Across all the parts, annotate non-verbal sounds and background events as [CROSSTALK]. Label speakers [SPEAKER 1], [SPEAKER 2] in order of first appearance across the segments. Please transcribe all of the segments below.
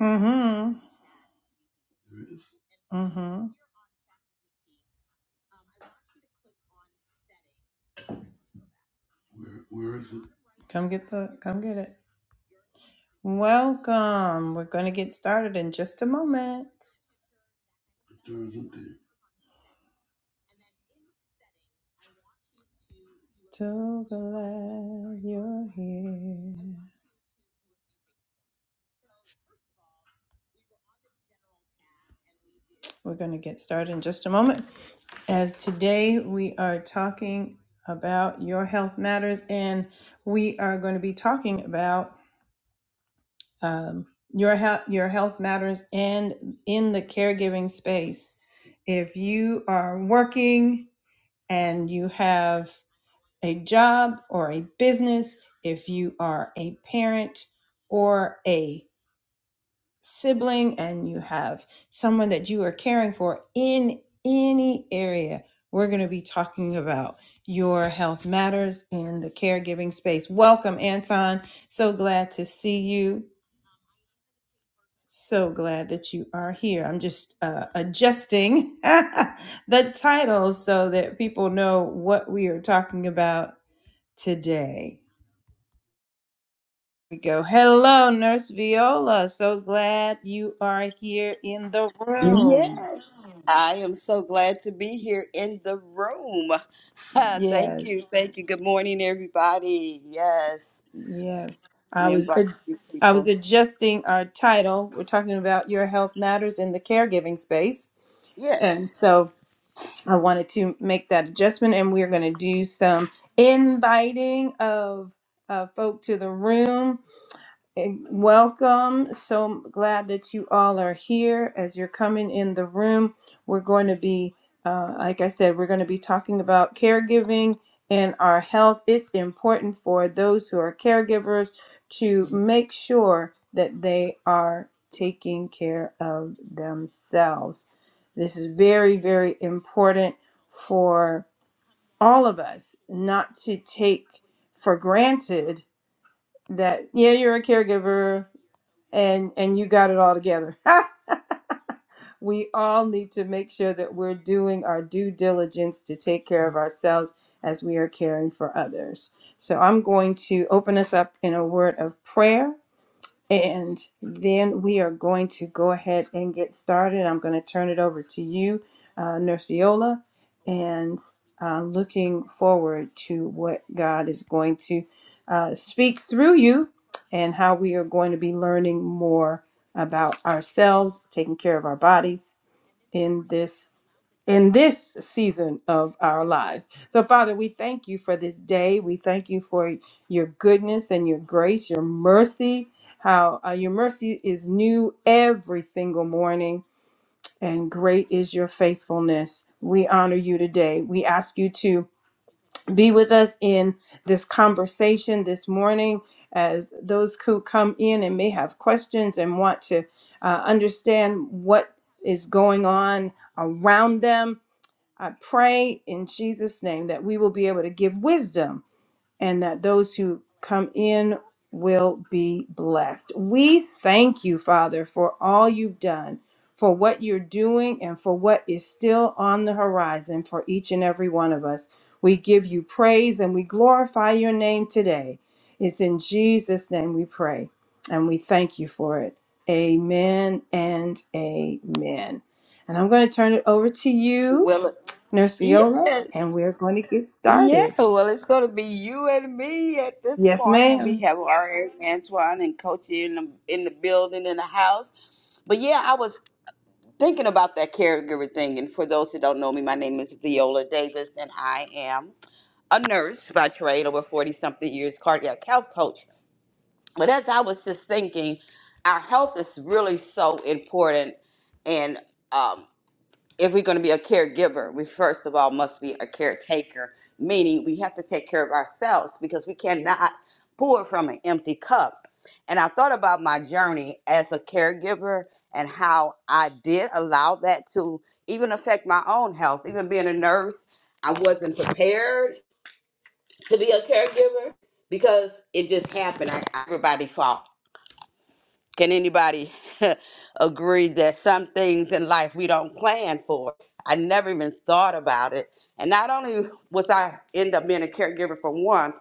[SPEAKER 1] Mm-hmm. Mm-hmm. Come get the come get it. Welcome. We're gonna get started in just a moment. So glad you're here. We're gonna get started in just a moment. As today we are talking about your health matters, and we are going to be talking about um, your health your health matters and in the caregiving space if you are working and you have a job or a business if you are a parent or a sibling and you have someone that you are caring for in any area we're going to be talking about your health matters in the caregiving space welcome anton so glad to see you So glad that you are here. I'm just uh, adjusting [LAUGHS] the titles so that people know what we are talking about today. We go, hello, Nurse Viola. So glad you are here in the room.
[SPEAKER 2] Yes, I am so glad to be here in the room. [LAUGHS] Thank you,
[SPEAKER 1] Yes,
[SPEAKER 2] thank you. Good morning, everybody. Yes,
[SPEAKER 1] yes. I
[SPEAKER 2] we
[SPEAKER 1] was
[SPEAKER 2] invite
[SPEAKER 1] ad-
[SPEAKER 2] you
[SPEAKER 1] I was
[SPEAKER 2] people.
[SPEAKER 1] adjusting our title. We're talking about your health matters in the caregiving space,
[SPEAKER 2] Yes,
[SPEAKER 1] and so I wanted to make that adjustment, and we're going to do some inviting of uh, folk to the room. Eh, Welcome. So glad that you all are here. As you're coming in the room, we're going to be, uh, like I said, we're going to be talking about caregiving and our health. It's important for those who are caregivers to make sure that they are taking care of themselves. This is very, very important for all of us not to take for granted that, yeah, you're a caregiver and and you got it all together. [LAUGHS] we all need to make sure that we're doing our due diligence to take care of ourselves as we are caring for others. So I'm going to open us up in a word of prayer and then we are going to go ahead and get started. I'm going to turn it over to you, uh, Nurse Viola, and uh, looking forward to what God is going to uh, speak through you and how we are going to be learning more about ourselves, taking care of our bodies in this in this season of our lives. So, Father, we thank you for this day. We thank you for your goodness and your grace, your mercy. How uh, your mercy is new every single morning, and great is your faithfulness. We honor you today. We ask you to be with us in this conversation this morning as those who come in and may have questions and want to uh, understand what is going on around them I pray in Jesus' name that we will be able to give wisdom and that those who come in will be blessed. We thank you, Father, for all you've done, for what you're doing, and for what is still on the horizon for each and every one of us. We give you praise and we glorify your name today. It's in Jesus' name we pray and we thank you for it. Amen and amen. And I'm going to turn it over to you.
[SPEAKER 2] well, it-
[SPEAKER 1] Nurse Viola,
[SPEAKER 2] yes,
[SPEAKER 1] and we're going to get
[SPEAKER 2] yeah.
[SPEAKER 1] started.
[SPEAKER 2] Well, it's going to be you and me at this
[SPEAKER 1] Yes,
[SPEAKER 2] point, and we
[SPEAKER 1] ma'am.
[SPEAKER 2] have our Antoine and Coach in the in the building in the house. But yeah, I was thinking about that caregiver thing, and for those who don't know me, my name is Viola Davis, and I am. a nurse by trade, over 40 something years, cardiac health coach. But as I was just thinking, our health is really so important. And um, if we're going to be a caregiver, we first of all must be a caretaker, meaning we have to take care of ourselves because we cannot pour from an empty cup. And I thought about my journey as a caregiver and how I did allow that to even affect my own health, even being a nurse. I wasn't prepared to be a caregiver because it just happened. I, everybody fought. Can anybody [LAUGHS] agree that some things in life we don't plan for? I never even thought about it. And not only was I end up being a caregiver for one,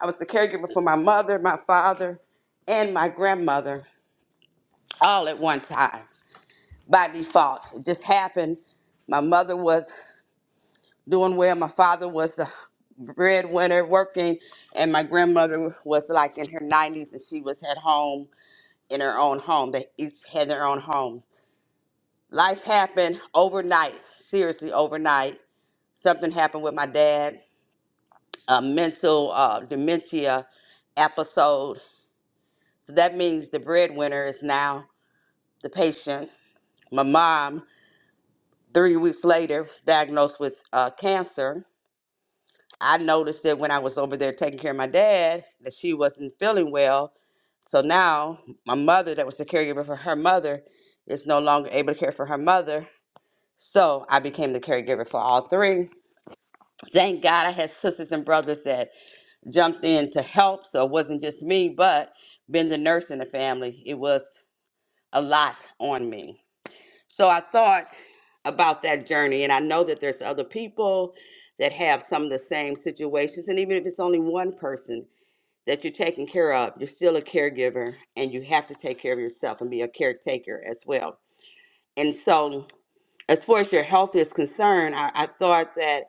[SPEAKER 2] I was the caregiver for my mother, my father, and my grandmother all at one time by default. It just happened. My mother was doing well. My father was the breadwinner working, and my grandmother was like in her 90s and she was at home in her own home. They each had their own home. Life happened overnight, seriously, overnight. Something happened with my dad, a mental uh, dementia episode. So that means the breadwinner is now the patient. My mom, three weeks later, was diagnosed with uh, cancer I noticed that when I was over there taking care of my dad, that she wasn't feeling well. So now my mother, that was the caregiver for her mother, is no longer able to care for her mother. So I became the caregiver for all three. Thank God I had sisters and brothers that jumped in to help. So it wasn't just me, but being the nurse in the family, it was a lot on me. So I thought about that journey, and I know that there's other people that have some of the same situations, and even if it's only one person that you're taken care of. You're still a caregiver and you have to take care of yourself and be a caretaker as well. And so, as far as your health is concerned, I, I thought that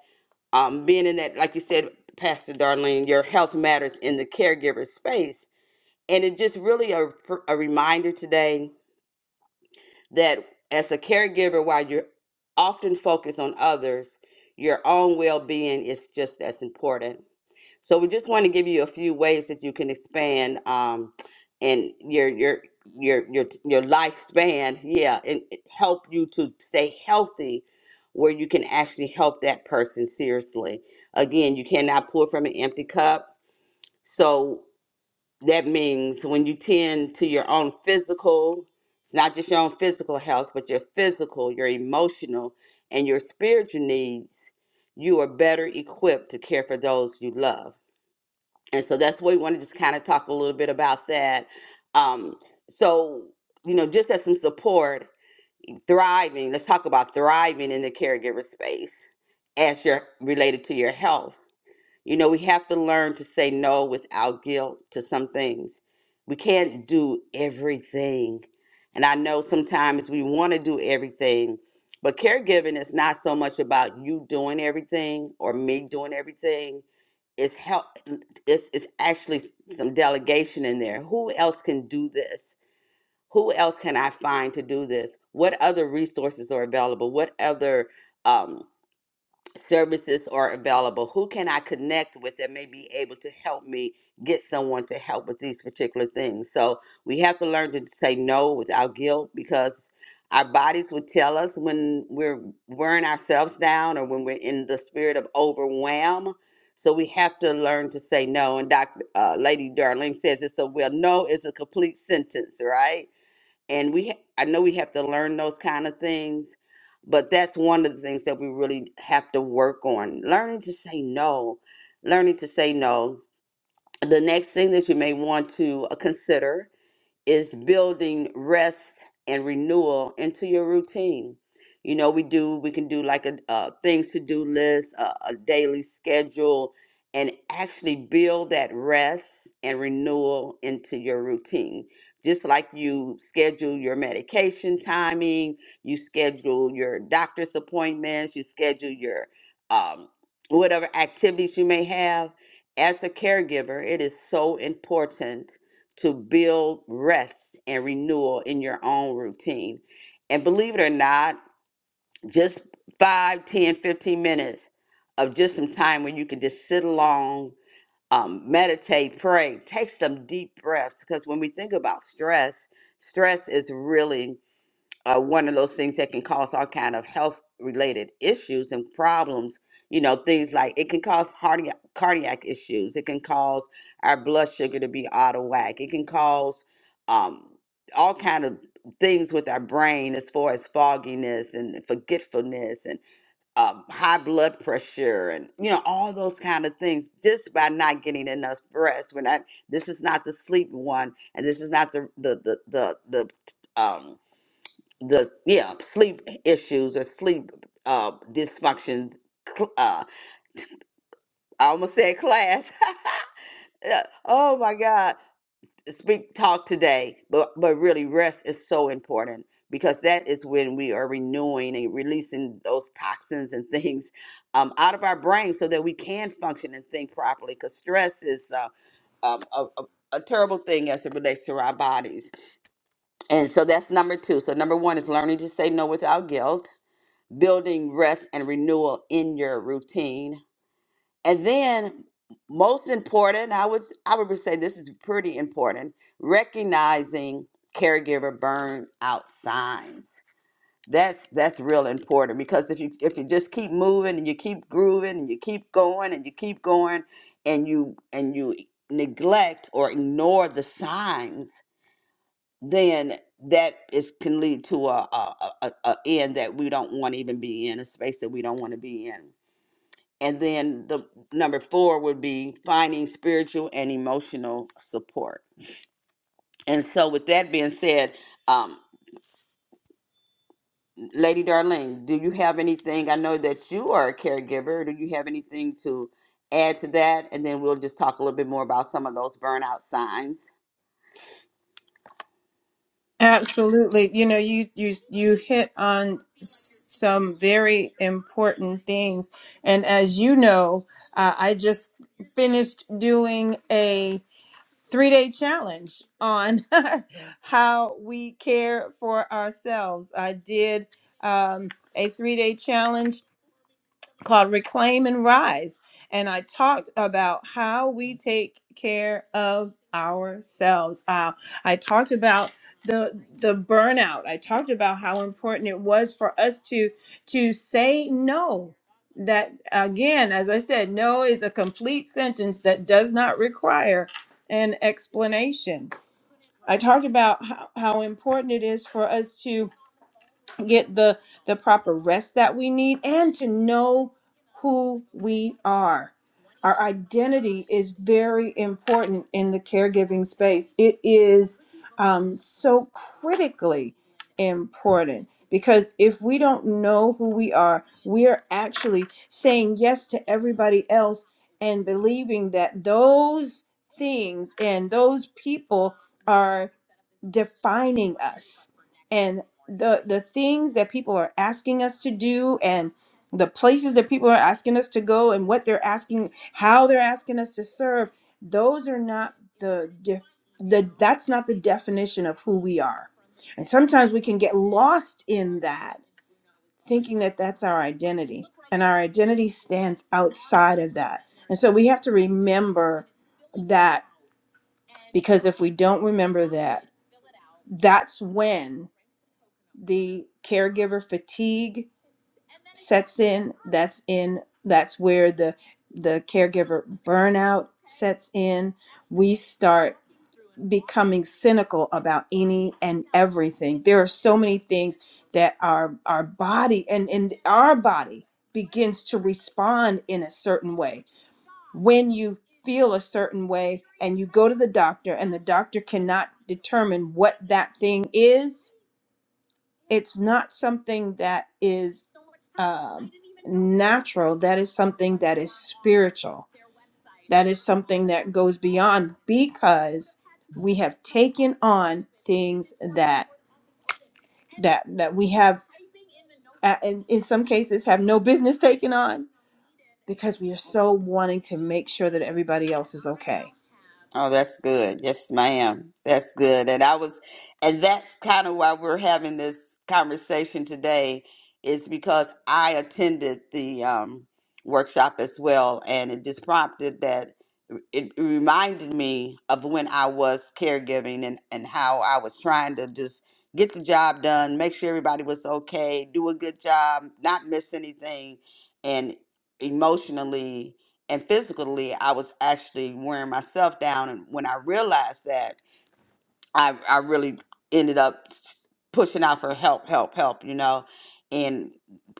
[SPEAKER 2] um, being in that, like you said, Pastor Darlene, your health matters in the caregiver space. And it just really a, a reminder today that as a caregiver, while you're often focused on others, your own well being is just as important so we just want to give you a few ways that you can expand um and your your your your your lifespan, yeah, and it help you to stay healthy where you can actually help that person seriously. Again, you cannot pour from an empty cup. So that means when you tend to your own physical, it's not just your own physical health, but your physical, your emotional, and your spiritual needs, you are better equipped to care for those you love and so that's what we want to just kind of talk a little bit about that um so you know just as some support thriving let's talk about thriving in the caregiver space as you're related to your health you know we have to learn to say no without guilt to some things we can't do everything and i know sometimes we want to do everything but caregiving is not so much about you doing everything or me doing everything it's help. It's, it's actually some delegation in there. Who else can do this? Who else can I find to do this? What other resources are available? What other? um services are available who can i connect with that may be able to help me get someone to help with these particular things so we have to learn to say no without guilt because our bodies would tell us when we're wearing ourselves down or when we're in the spirit of overwhelm so we have to learn to say no and dr uh, lady darling says it so well no is a complete sentence right and we ha- i know we have to learn those kind of things but that's one of the things that we really have to work on learning to say no learning to say no the next thing that you may want to uh, consider is building rest and renewal into your routine. You know, we do, we can do like a, uh things to do list, a, a daily schedule, and actually build that rest and renewal into your routine. Just like you schedule your medication timing, you schedule your doctor's appointments, you schedule your um, whatever activities you may have. As a caregiver, it is so important to build rest and renewal in your own routine. And believe it or not, just 5, 10, 15 minutes of just some time where you can just sit along, um, meditate, pray, take some deep breaths. Because when we think about stress, stress is really uh, one of those things that can cause all kind of health related issues and problems you know things like it can cause cardiac cardiac issues it can cause our blood sugar to be out of whack it can cause um, all kind of things with our brain as far as fogginess and forgetfulness and um, high blood pressure and you know all those kind of things just by not getting enough rest we're not this is not the sleep one and this is not the the the the, the um the yeah sleep issues or sleep uh dysfunctions cl- uh i almost said class [LAUGHS] Yeah, oh my god speak talk today but but really rest is so important because that is when we are renewing and releasing those toxins and things um, out of our brain so that we can function and think properly because stress is uh, um, a, a, a terrible thing as it relates to our bodies. And so that's number two. So number one is learning to say no without guilt. building rest and renewal in your routine. And then most important, I would I would say this is pretty important, recognizing caregiver burnout signs. That's that's real important because if you if you just keep moving and you keep grooving and you keep going and you keep going and you and you neglect or ignore the signs then that is can lead to a a, a, a a end that we don't want to even be in a space that we don't want to be in and then the number four would be finding spiritual and emotional support and so with that being said um, lady Darlene, do you have anything i know that you are a caregiver do you have anything to add to that and then we'll just talk a little bit more about some of those burnout signs
[SPEAKER 1] Absolutely. You know, you you you hit on s- some very important things, and as you know, uh, I just finished doing a three-day challenge on [LAUGHS] how we care for ourselves. I did um, a three-day challenge called Reclaim and Rise. And I talked about how we take care of ourselves. Uh, I talked about the the burnout. I talked about how important it was for us to to say no. That again, as I said, no is a complete sentence that does not require an explanation. I talked about how, how important it is for us to get the the proper rest that we need and to know who we are our identity is very important in the caregiving space it is um, so critically important because if we don't know who we are we are actually saying yes to everybody else and believing that those things and those people defining us and the the things that people are asking us to do and the places that people are asking us to go and what they're asking how they're asking us to serve those are not the def- the that's not the definition of who we are and sometimes we can get lost in that thinking that that's our identity and our identity stands outside of that and so we have to remember that because if we don't remember that that's when the caregiver fatigue sets in that's in that's where the the caregiver burnout sets in we start becoming cynical about any and everything there are so many things that our our body and and our body begins to respond in a certain way when you feel a certain way and you go to the doctor and the doctor cannot determine what that thing is it's not something that is um, natural. That is something that is spiritual. That is something that goes beyond because we have taken on things that that that we have uh, in, in some cases have no business taking on because we are so wanting to make sure that everybody else is okay.
[SPEAKER 2] Oh, that's good. Yes, ma'am. That's good. And I was, and that's kind of why we're having this conversation today, is because I attended the um, workshop as well, and it just prompted that it reminded me of when I was caregiving and, and how I was trying to just get the job done, make sure everybody was okay, do a good job, not miss anything, and emotionally and physically i was actually wearing myself down and when i realized that i, I really ended up s- pushing out for help help help you know and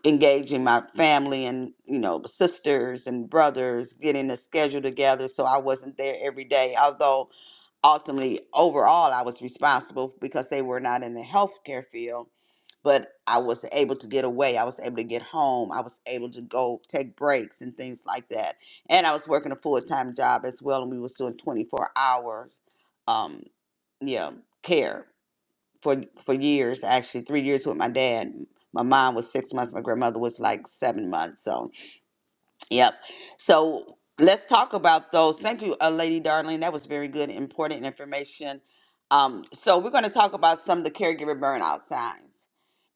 [SPEAKER 2] engaging my family and you know sisters and brothers getting a schedule together so i wasn't there every day although ultimately overall I was responsible because they were not in the healthcare field, but I was able to get away. I was able to get home. I was able to go take breaks and things like that. And I was working a full time job as well, and we was doing twenty four hours, um, yeah, care for for years. Actually, three years with my dad. My mom was six months. My grandmother was like seven months. So. Yep. So let's talk about those. Thank you, uh, Lady Darling. That was very good, important information. Um, so we're going to talk about some of the caregiver burnout signs.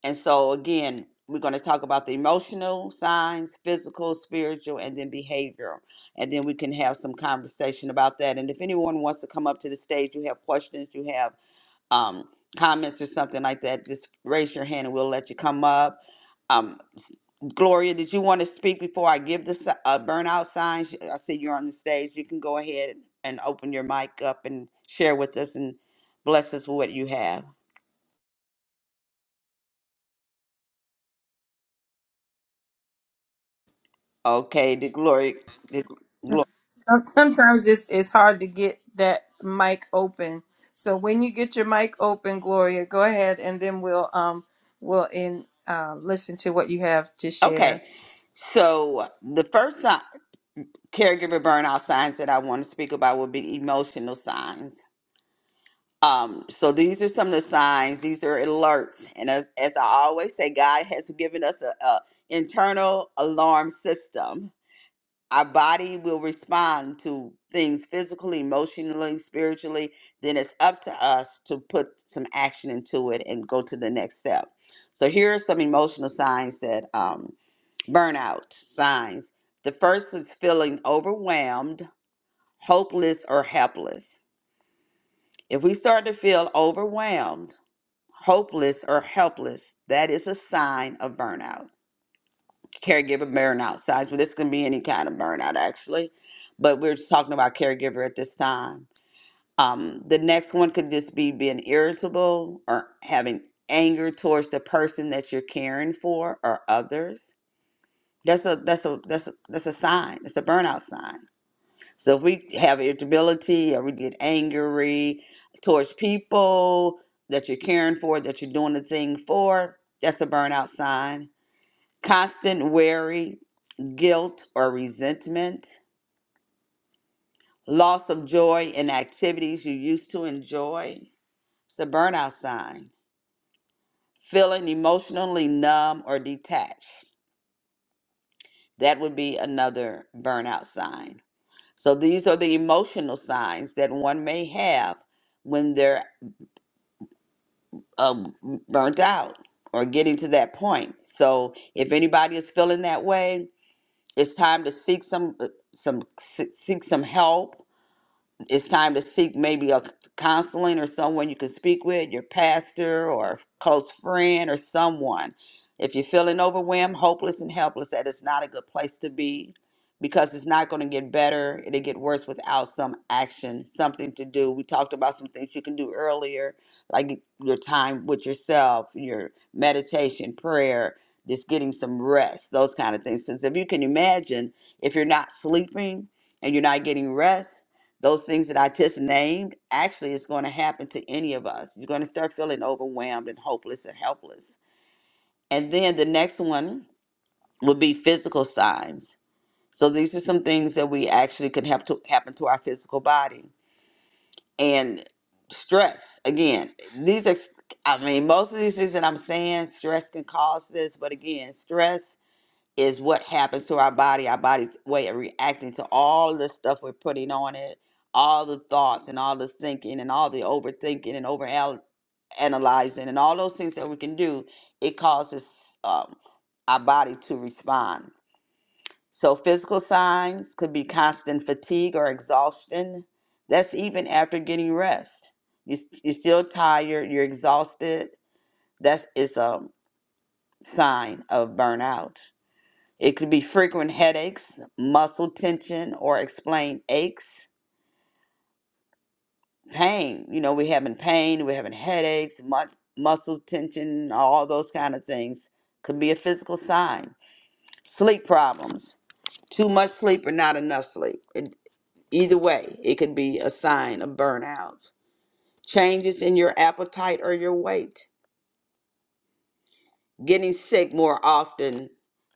[SPEAKER 2] And so again, we're going to talk about the emotional signs, physical, spiritual, and then behavioral. And then we can have some conversation about that. And if anyone wants to come up to the stage, you have questions, you have um, comments or something like that, just raise your hand and we'll let you come up. Um, s- Gloria, did you want to speak before I give the si- uh, burnout signs? I see you're on the stage. You can go ahead and open your mic up and share with us and bless us with what you have. Okay, did Gloria? Did Gloria?
[SPEAKER 1] Some- Sometimes it's it's hard to get that mic open. So when you get your mic open, Gloria, go ahead, and then we'll um we'll in uh, listen to what you have to share.
[SPEAKER 2] Okay. So the first si- caregiver burnout signs that I want to speak about would be emotional signs Um, so these are some of the signs. These are alerts, and as, as I always say, God has given us a, a internal alarm system. Our body will respond to things physically, emotionally, spiritually. Then it's up to us to put some action into it and go to the next step. So here are some emotional signs that um, burnout signs. The first is feeling overwhelmed, hopeless, or helpless. If we start to feel overwhelmed hopeless or helpless, that is a sign of burnout. Caregiver burnout signs, but this can be any kind of burnout actually. But we're just talking about caregiver at this time. Um, the next one could just be being irritable or having anger towards the person that you're caring for or others. That's a that's a that's a, that's a sign. That's a burnout sign so if we have irritability or we get angry towards people that you're caring for, that you're doing the thing for, that's a burnout sign. Constant worry, guilt, or resentment. Loss of joy in activities you used to enjoy. It's a burnout sign. Feeling emotionally numb or detached. That would be another burnout sign. So these are the emotional signs that one may have when they're. uh, burnt out or getting to that point. So if anybody is feeling that way, it's time to seek some uh, some seek some help it's time to seek maybe a counseling or someone you can speak with, your pastor or close friend or someone. If you're feeling overwhelmed, hopeless, and helpless, that is not a good place to be because it's not going to get better. It'll get worse without some action, something to do. We talked about some things you can do earlier, like your time with yourself, your meditation, prayer, just getting some rest, those kind of things. Because if you can imagine, if you're not sleeping and you're not getting rest, those things that I just named actually is going to happen to any of us. You're going to start feeling overwhelmed and hopeless and helpless. And then the next one would be physical signs. So these are some things that we actually could have to happen to our physical body. And stress, again, these are, I mean, most of these things that I'm saying, stress can cause this, but again, stress is what happens to our body, our body's way of reacting to all the stuff we're putting on it, all the thoughts and all the thinking and all the overthinking and over analyzing and all those things that we can do. It causes um, our body to respond. So, physical signs could be constant fatigue or exhaustion. That's even after getting rest. You, you're still tired, you're exhausted. That is a sign of burnout it could be frequent headaches, muscle tension, or explained aches, pain. You know, we're having pain, we're having headaches, mu- muscle tension, all those kind of things. Could be a physical sign. Sleep problems, too much sleep or not enough sleep. It, either way, it could be a sign of burnout. Changes in your appetite or your weight. Getting sick more often,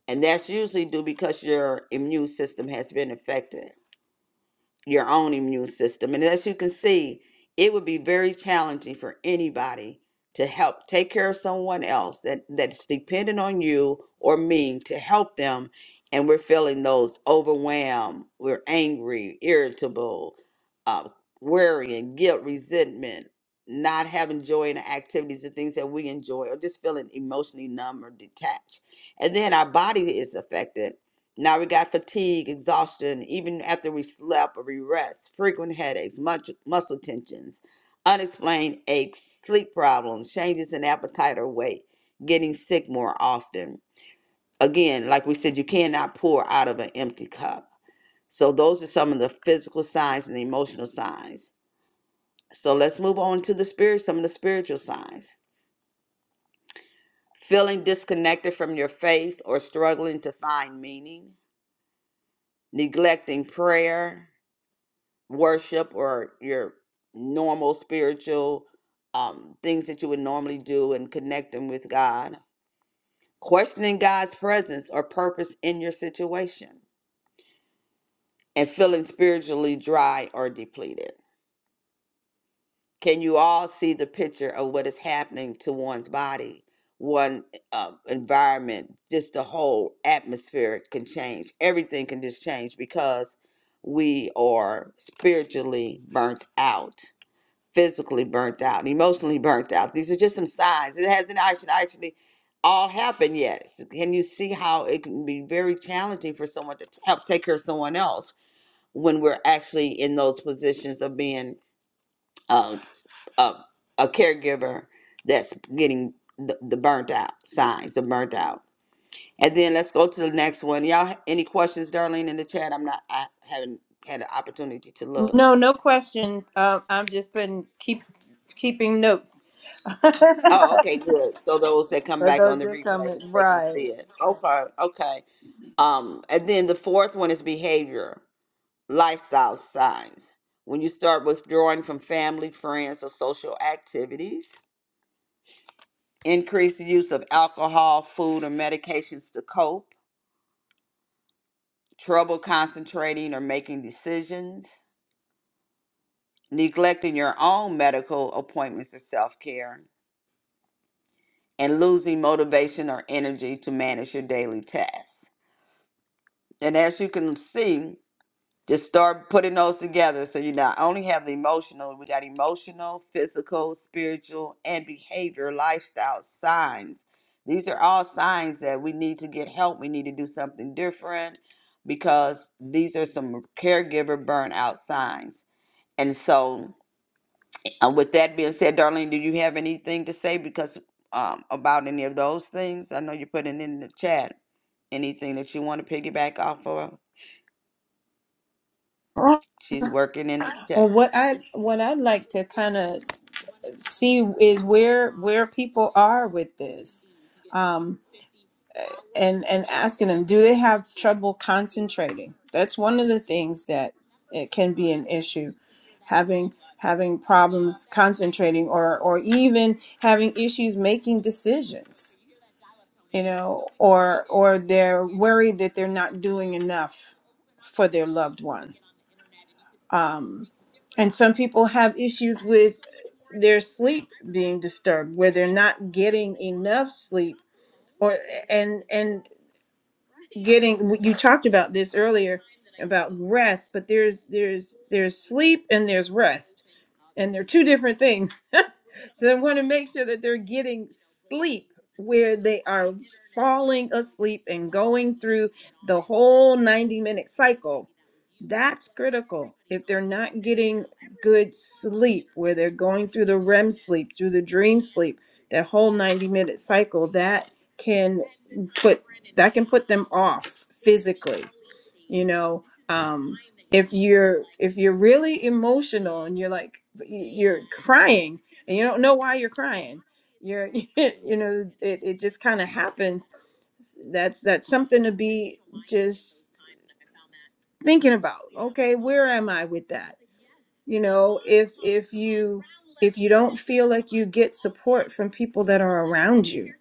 [SPEAKER 2] and that's usually due because your immune system has been affected your own immune system. And as you can see, it would be very challenging for anybody to help take care of someone else that, that's dependent on you or me to help them. And we're feeling those overwhelmed, we're angry, irritable, uh, worrying, guilt, resentment, not having joy in the activities and things that we enjoy, or just feeling emotionally numb or detached. And then our body is affected now we got fatigue, exhaustion, even after we slept or we rest, frequent headaches, much muscle tensions, unexplained aches, sleep problems, changes in appetite or weight, getting sick more often. Again, like we said, you cannot pour out of an empty cup. So those are some of the physical signs and the emotional signs. So let's move on to the spirit, some of the spiritual signs. Feeling disconnected from your faith or struggling to find meaning, neglecting prayer, worship or your normal spiritual um, things that you would normally do and connecting with God, questioning God's presence or purpose in your situation, and feeling spiritually dry or depleted. Can you all see the picture of what is happening to one's body, one uh, environment, just the whole atmosphere can change? Everything can just change because we are spiritually burnt out physically burnt out, emotionally burnt out. These are just some signs. It hasn't actually actually all happened yet. Can you see how it can be very challenging for someone to help take care of someone else when we're actually in those positions of being um, a, a caregiver that's getting the, the burnt out signs, the burnt out. And then let's go to the next one. Y'all, ha- any questions, Darlene, in the chat? I'm not. I haven't had an opportunity to look.
[SPEAKER 1] No, no questions. Um, I'm just putting keep keeping notes [LAUGHS]
[SPEAKER 2] Oh,
[SPEAKER 1] for
[SPEAKER 2] okay, good. So those that come back on
[SPEAKER 1] those
[SPEAKER 2] the
[SPEAKER 1] that come
[SPEAKER 2] replay,
[SPEAKER 1] in.
[SPEAKER 2] they can see
[SPEAKER 1] Right.
[SPEAKER 2] it. Okay, okay. Um, and then the fourth one is behavior, lifestyle signs. When you start withdrawing from family, friends, or social activities, increase the use of alcohol, food, or medications to cope, trouble concentrating or making decisions, neglecting your own medical appointments or self care, and losing motivation or energy to manage your daily tasks. And as you can see, just start putting those together. So you not only have the emotional, we got emotional, physical, spiritual, and behavior lifestyle signs. These are all signs that we need to get help. We need to do something different because these are some caregiver burnout signs. And so, uh, with that being said, Darlene, do you have anything to say because um, about any of those things? I know you're putting in the chat anything that you want to piggyback off of.
[SPEAKER 1] Oh,
[SPEAKER 2] She's working in the
[SPEAKER 1] Well,
[SPEAKER 2] chat.
[SPEAKER 1] what I what I'd like to kind of see is where where people are with this. and and asking them do they have trouble concentrating that's one of the things that it can be an issue having having problems concentrating or or even having issues making decisions you know or or they're worried that they're not doing enough for their loved one um and some people have issues with their sleep being disturbed where they're not getting enough sleep or and and getting you talked about this earlier about rest but there's there's there's sleep and there's rest and they're two different things [LAUGHS] so they want to make sure that they're getting sleep where they are falling asleep and going through the whole 90 minute cycle that's critical if they're not getting good sleep where they're going through the rem sleep through the dream sleep that whole 90 minute cycle that can put that can put them off physically you know um if you're if you're really emotional and you're like you're crying and you don't know why you're crying you're [LAUGHS] you know it, it just kind of happens that's that's something to be just thinking about okay where am i with that you know if if you if you don't feel like you get support from people that are around you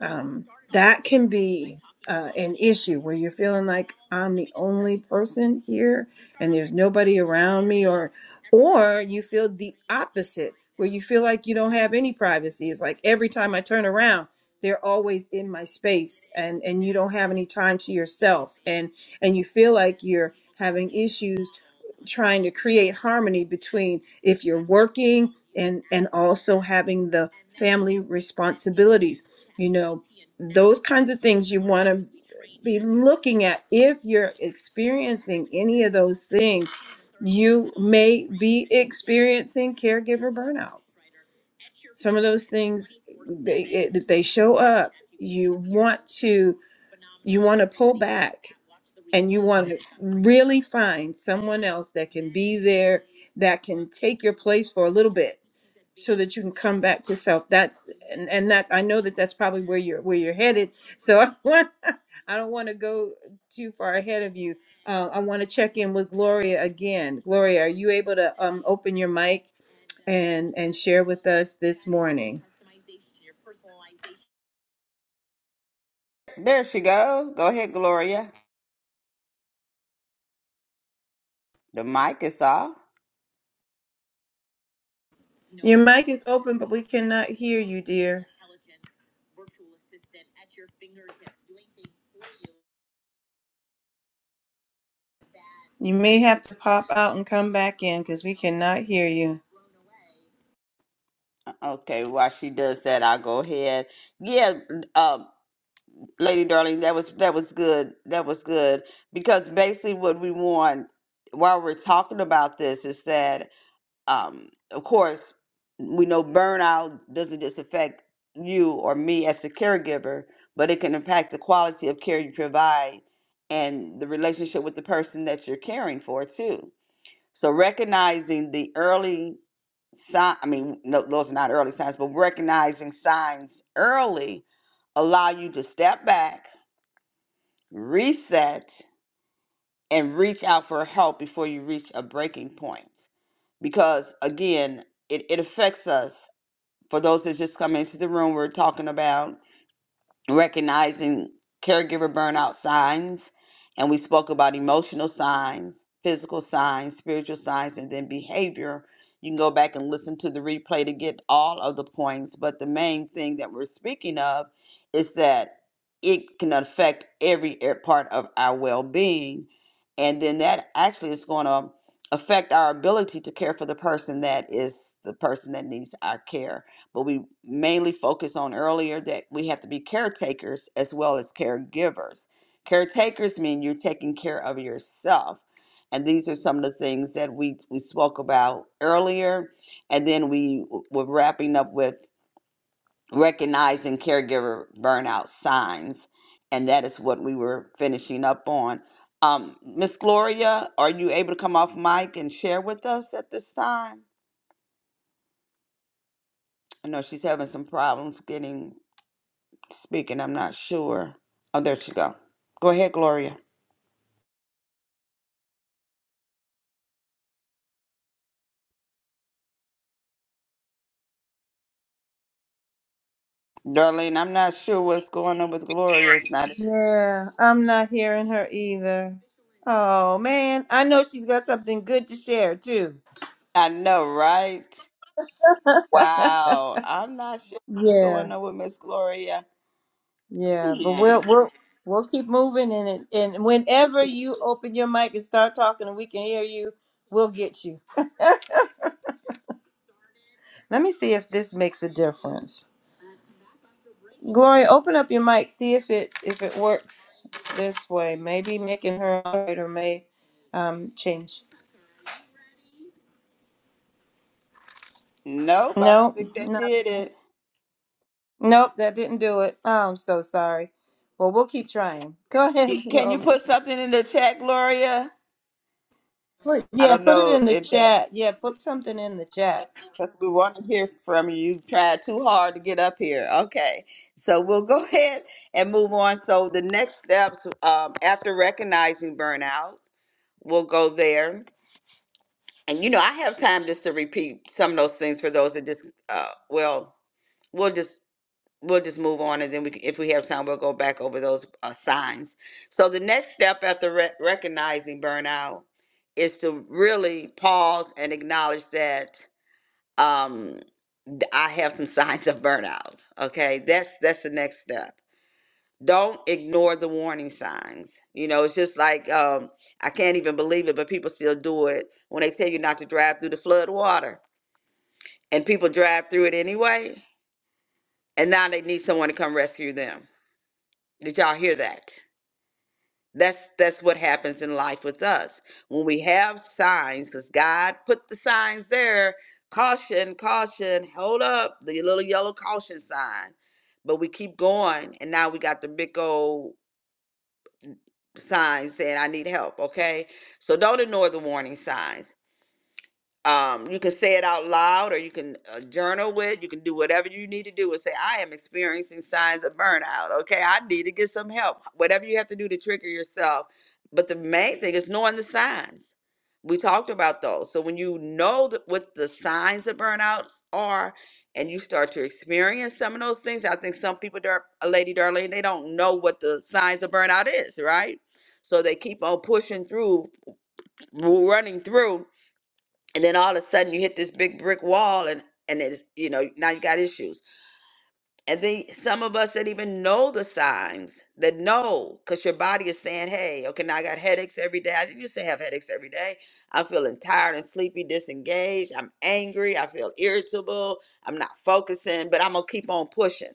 [SPEAKER 1] um, that can be uh, an issue where you're feeling like I'm the only person here and there's nobody around me, or or you feel the opposite where you feel like you don't have any privacy. It's like every time I turn around, they're always in my space, and and you don't have any time to yourself, and and you feel like you're having issues trying to create harmony between if you're working and and also having the family responsibilities, you know, those kinds of things you want to be looking at. If you're experiencing any of those things, you may be experiencing caregiver burnout. Some of those things, they, it- if they show up. You want to you want to pull back and you want to really find someone else that can be there, that can take your place for a little bit so that you can come back to self. That's and, and that I know that that's probably where you're where you're headed. So [LAUGHS] I want I don't want to go too far ahead of you. Uh, I want to check in with Gloria again. Gloria, are you able to um, open your mic and and share with us this morning?
[SPEAKER 2] There she go. Go ahead, Gloria. The mic is off.
[SPEAKER 1] Your mic is open, but we cannot hear you, dear. You may have to pop out and come back in because we cannot hear you.
[SPEAKER 2] Okay, while she does that, I'll go ahead. Yeah, um, Lady Darling, that was that was good. That was good because basically what we want while we're talking about this is that, um, of course, we know burnout doesn't just affect you or me as a caregiver, but it can impact the quality of care you provide and the relationship with the person that you're caring for too So recognizing the early sign, I mean, no, those are not early signs, but recognizing signs early allow you to step back, reset, and reach out for help before you reach a breaking point. Because again, it, it affects us. For those that just come into the room, we're talking about recognizing caregiver burnout signs, and we spoke about emotional signs, physical signs, spiritual signs, and then behavior. You can go back and listen to the replay to get all of the points, but the main thing that we're speaking of is that it can affect every a- part of our well being. And then that actually is going to affect our ability to care for the person that is the person that needs our care but we mainly focus on earlier that we have to be caretakers as well as caregivers. Caretakers mean you're taking care of yourself. And these are some of the things that we, we spoke about earlier. And then we w- were wrapping up with recognizing caregiver burnout signs. And that is what we were finishing up on. Um, Miss Gloria, are you able to come off mic and share with us at this time? I know she's having some problems getting speaking. I'm not sure. Oh, there she go. Go ahead, Gloria. Darlene, I'm not sure what's going on with Gloria. It's not.
[SPEAKER 1] Yeah, I'm not hearing her either. Oh man, I know she's got something good to share too.
[SPEAKER 2] I know, right? Wow. I'm not sure what's
[SPEAKER 1] Yeah,
[SPEAKER 2] going on with Miss Gloria.
[SPEAKER 1] yeah, but
[SPEAKER 2] Hmm.
[SPEAKER 1] we'll we'll we'll keep moving in it and whenever you open your mic and start talking and we can hear you, we'll get you. Let me see if this makes a difference. Gloria, open up your mic, see if it if it works this way. Maybe making her operator may um change.
[SPEAKER 2] Nope, I don't
[SPEAKER 1] No,
[SPEAKER 2] think that
[SPEAKER 1] no.
[SPEAKER 2] did it.
[SPEAKER 1] Nope, that didn't do it. Oh, I'm so sorry. Well, we'll keep trying. Go ahead.
[SPEAKER 2] You-
[SPEAKER 1] [LAUGHS]
[SPEAKER 2] Can you
[SPEAKER 1] Viola.
[SPEAKER 2] put something in the chat, Gloria?
[SPEAKER 1] Put-
[SPEAKER 2] I
[SPEAKER 1] Yeah,
[SPEAKER 2] don't
[SPEAKER 1] put it
[SPEAKER 2] know
[SPEAKER 1] in the
[SPEAKER 2] if that,
[SPEAKER 1] chat. Yeah, put something in the chat.
[SPEAKER 2] because we want to hear from you. You've tried too hard to get up here. Okay. So we'll go [LAUGHS] ahead and move on. So the next steps um, after recognizing burnout. We'll go there. And you know, I have time just to repeat some of those things for those that just uh well, we'll just we'll just move on and then we c- if we have time we'll go back over those uh, signs. So the next step after re- recognizing burnout is to really pause and acknowledge that um th- I have some [LAUGHS] signs of burnout. Okay? That's that's the next step don't ignore the warning signs. You know, it's just like um, I can't even believe it, but people still do it when they tell you not to drive through the flood water, and people drive through it anyway. And now they need someone to come rescue them. Did y'all hear that? That's that's what happens in life with us when we have signs, because God put the signs there. Caution, caution, hold up, the little yellow caution sign. But we keep going, and now we got the big old signs saying I need help, okay? So don't ignore the warning signs um, you can say it out loud or you can uh, journal it you can do whatever you need to do and say i am experiencing signs of burnout okay i need to get some help whatever you have to do to trigger yourself but the main thing is knowing the signs we talked about those so when you know that what the signs of burnouts are and you start to experience some of those things i think some people Dar- uh, lady Darlene, they don't know what the signs of burnout is right so they keep on pushing through running through and then all of a sudden you hit this big brick wall and and it's you know now you got issues and then some of us that even know the signs that know because your body is saying hey okay now i got headaches every day i didn't used to have headaches every day i'm feeling tired and sleepy disengaged i'm angry i feel irritable i'm not focusing but i'm gonna keep on pushing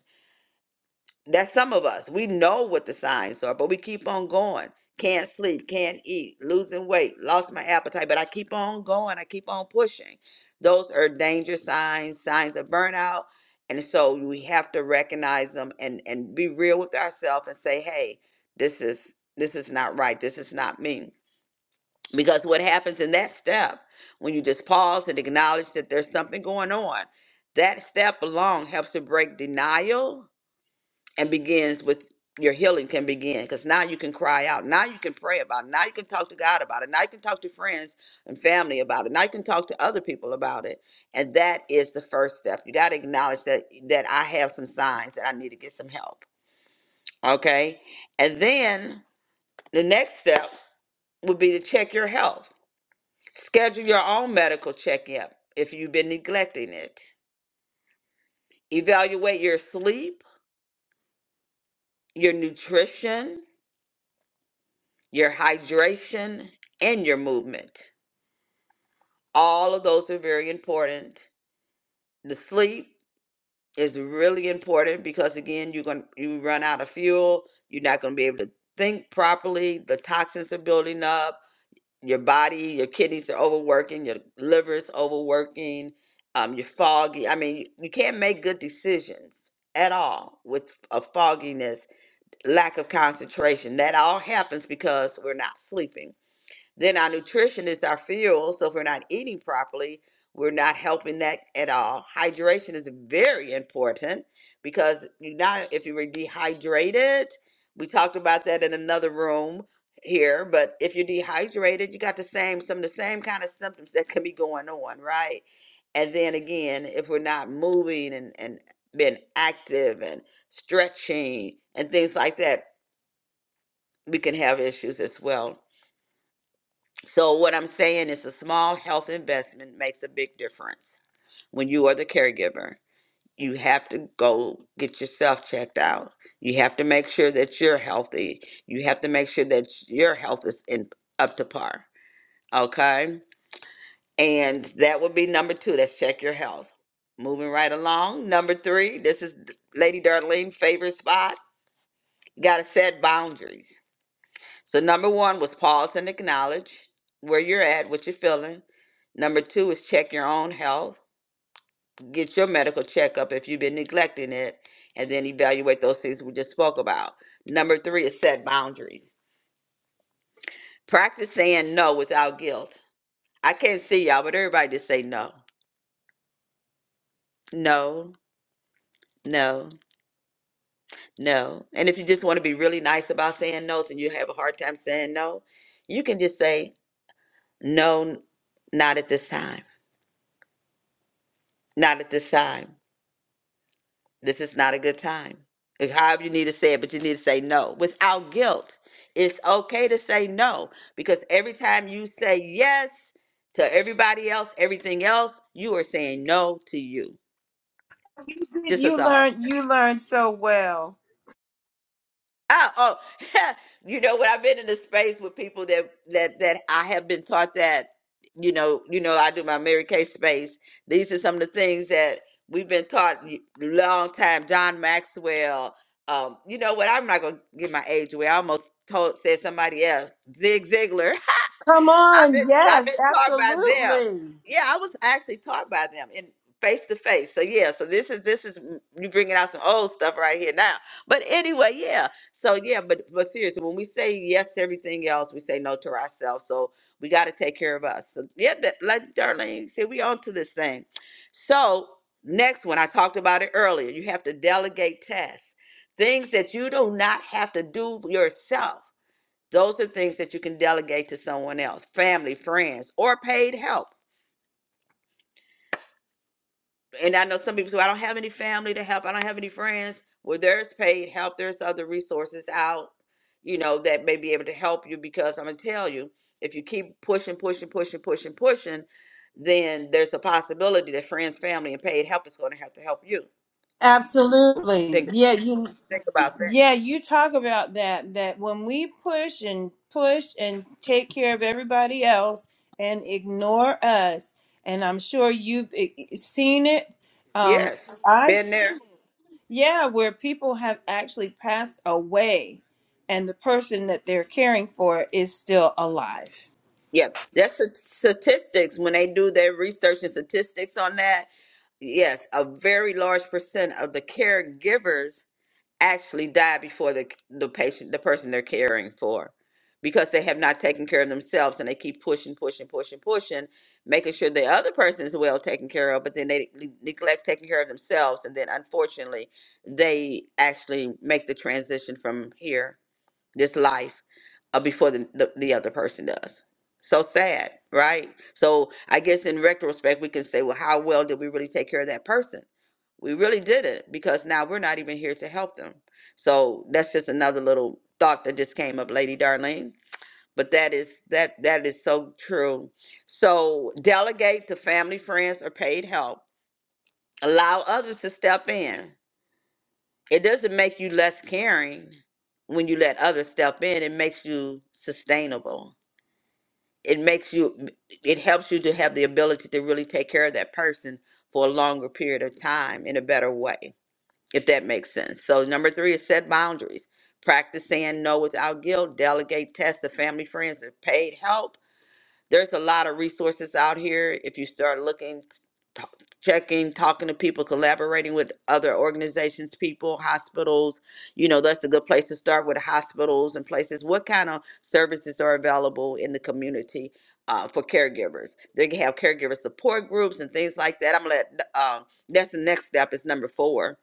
[SPEAKER 2] that's some of us. We know what the signs are, but we keep on going. Can't sleep, can't eat, losing weight, lost my appetite, but I keep on going. I keep on pushing. Those are danger signs, signs of burnout. And so we have to recognize them and, and be real with ourselves and say, hey, this is this is not right. This is not me. Because what happens in that step, when you just pause and acknowledge that there's something going on, that step alone helps to break denial and begins with your healing can begin because now you can cry out. Now you can pray about it. Now you can talk to God about it. Now you can talk to friends and family about it. Now you can talk to other people about it. And that is the first step. You got to acknowledge that that I have some signs that I need to get some help. Okay? And then the next step would be to check your health. Schedule your own medical checkup if you've been neglecting it. Evaluate your sleep, your nutrition, your hydration, and your movement. All of those are very important. The sleep is really important because again, you're going to you run out of fuel, you're not going to be able to think properly, the toxins are building up, your body, your kidneys are overworking, your liver is overworking, um you're foggy. I mean, you, you can't make good decisions at all with a fogginess, lack of concentration. That all happens because we're not sleeping. Then our nutrition is our fuel. So if we're not eating properly, we're not helping that at all. Hydration is very important because you not if you were dehydrated, we talked about that in another room here, but if you're dehydrated, you got the same some of the same kind of symptoms that can be going on, right? And then again, if we're not moving and, and being active and stretching and things like that, we can have issues as well. So what I'm saying is a small health investment makes a big difference. When you are the caregiver, you have to go get yourself checked out. You have to make sure that you're healthy. You have to make sure that your health is in, up to par. Okay? And that would be number 2, that's check your health. Moving right along, number 3, this is Lady Darlene's favorite spot. You got to set boundaries So number one was pause and acknowledge where you're at, what you're feeling. Number two is check your own health, get your medical checkup if you've been neglecting it, and then evaluate those things we just spoke about. Number three is set boundaries. Practice saying no without guilt. I can't see y'all, but everybody just say no. No, no, no. And if you just want to be really nice about saying no's and you have a hard time saying no, you can just say no, n- not at this time, not at this time This is not a good time. If- However, you need to say it, but you need to say no without guilt. It's okay to say no because every time you say yes to everybody else, everything else, you are saying no to you.
[SPEAKER 1] You did.
[SPEAKER 2] This is
[SPEAKER 1] You
[SPEAKER 2] all.
[SPEAKER 1] learned. You learned so well.
[SPEAKER 2] Oh, oh, [LAUGHS] you know when I've been in a space with people that that that I have been taught that, you know, you know, I do my Mary Kay space. These are some of the things that we've been taught y- long time. John Maxwell. Um, you know what? I'm not gonna give my age away. I almost told said somebody else, Zig Ziglar.
[SPEAKER 1] Come
[SPEAKER 2] I've been
[SPEAKER 1] on.
[SPEAKER 2] I've been
[SPEAKER 1] Yes,
[SPEAKER 2] taught by them.
[SPEAKER 1] absolutely.
[SPEAKER 2] Yeah, I was actually taught by them in face to face. So yeah, so this is this is you bringing out some old stuff right here now. But anyway, yeah. So yeah, but but seriously, when we say yes to everything else, we say no to ourselves. So we got to take care of us. So yeah, that, like Darlene said, we on to this thing. So next one, I talked about it earlier. You have to delegate tasks, things that you do not have to do yourself those are things that you can delegate to someone else, family, friends, or paid help. And I know some people say, "Well, I don't have any family to help. I don't have any friends. Well, there's paid help. There's other resources out, you know, that may be able to help you because I'm going to tell you, if you keep pushing, pushing, pushing, pushing, pushing, then there's a possibility that friends, family, and paid help is going to have to help you.
[SPEAKER 1] Absolutely.
[SPEAKER 2] Think,
[SPEAKER 1] Yeah, you.
[SPEAKER 2] think about that.
[SPEAKER 1] Yeah, you talk about that. That when we push and push and take care of everybody else and ignore us, and I'm sure you've eh, eh, seen it. Um,
[SPEAKER 2] Yes,
[SPEAKER 1] I
[SPEAKER 2] been there.
[SPEAKER 1] Yeah, where people have actually passed away and the person that they're caring for is still alive.
[SPEAKER 2] Yeah, that's the statistics. When they do their research and statistics on that, yes, a very large percent of the caregivers actually die before the the patient, the person they're caring for, because they have not taken care of themselves and they keep pushing, pushing, pushing, pushing, making sure the other person is well taken care of, but then they ne- neglect taking care of themselves, and then unfortunately, they actually make the transition from here this life uh, before the, the, the other person does. So sad, right? So I guess in retrospect, we can say, well, how well did we really take care of that person? We really didn't because now we're not even here to help them. So that's just another little thought that just came up, Lady Darlene. But that is that that is so true. So delegate to family, friends, or paid help. Allow others to step in. It doesn't make you less caring when you let others step in. It makes you sustainable. It makes you, it helps you to have the ability to really take care of that person for a longer period of time in a better way, if that makes sense. So, number three is set boundaries. Practice saying no without guilt, delegate tasks to family, friends, and paid help there's a lot of resources out here if you start looking t- checking talking to people collaborating with other organizations people hospitals you know that's a good place to start with hospitals and places what kind of services are available in the community uh, for caregivers they can have caregiver support groups and things like that i'm gonna let um, that's the next step is number four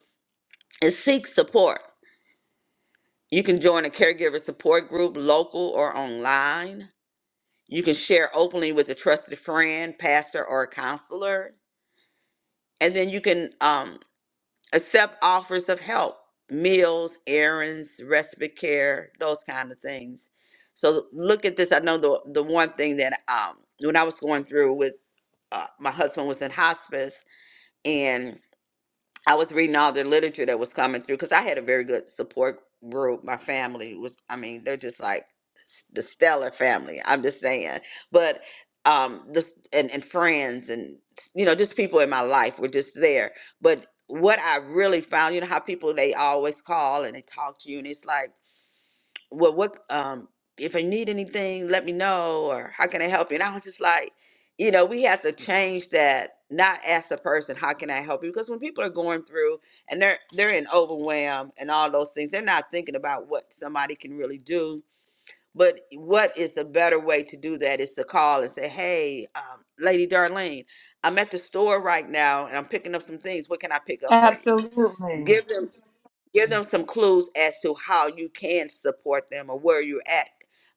[SPEAKER 2] is seek support you can join a caregiver support group local or online you can share openly with a trusted friend, pastor, or counselor. And then you can um, accept offers of help, meals, errands, respite care, those kind of things. So look at this. I know the, the one thing that um, when I was going through with uh, my husband was in hospice, and. I was reading all the literature that was coming through because I had a very good support group. My family was, I mean, they're just like s- the stellar family. I'm just saying, but um, this and and friends and you know just people in my life were just there. But what I really found, you know, how people they always call and they talk to you, and it's like well, what, um, if I need anything, let me know, or how can I help you? And I was just like, you know, we have to change that, not ask the person, how can I help you? Because when people are going through and they're, they're in overwhelm and all those things, they're not thinking about what somebody can really do. But what is a better way to do that is to call and say, hey, um, Lady Darlene, I'm at the store right now and I'm picking up some things. What can I pick up for you?
[SPEAKER 1] Absolutely.
[SPEAKER 2] Give them give them some clues as to how you can support them or where you're at.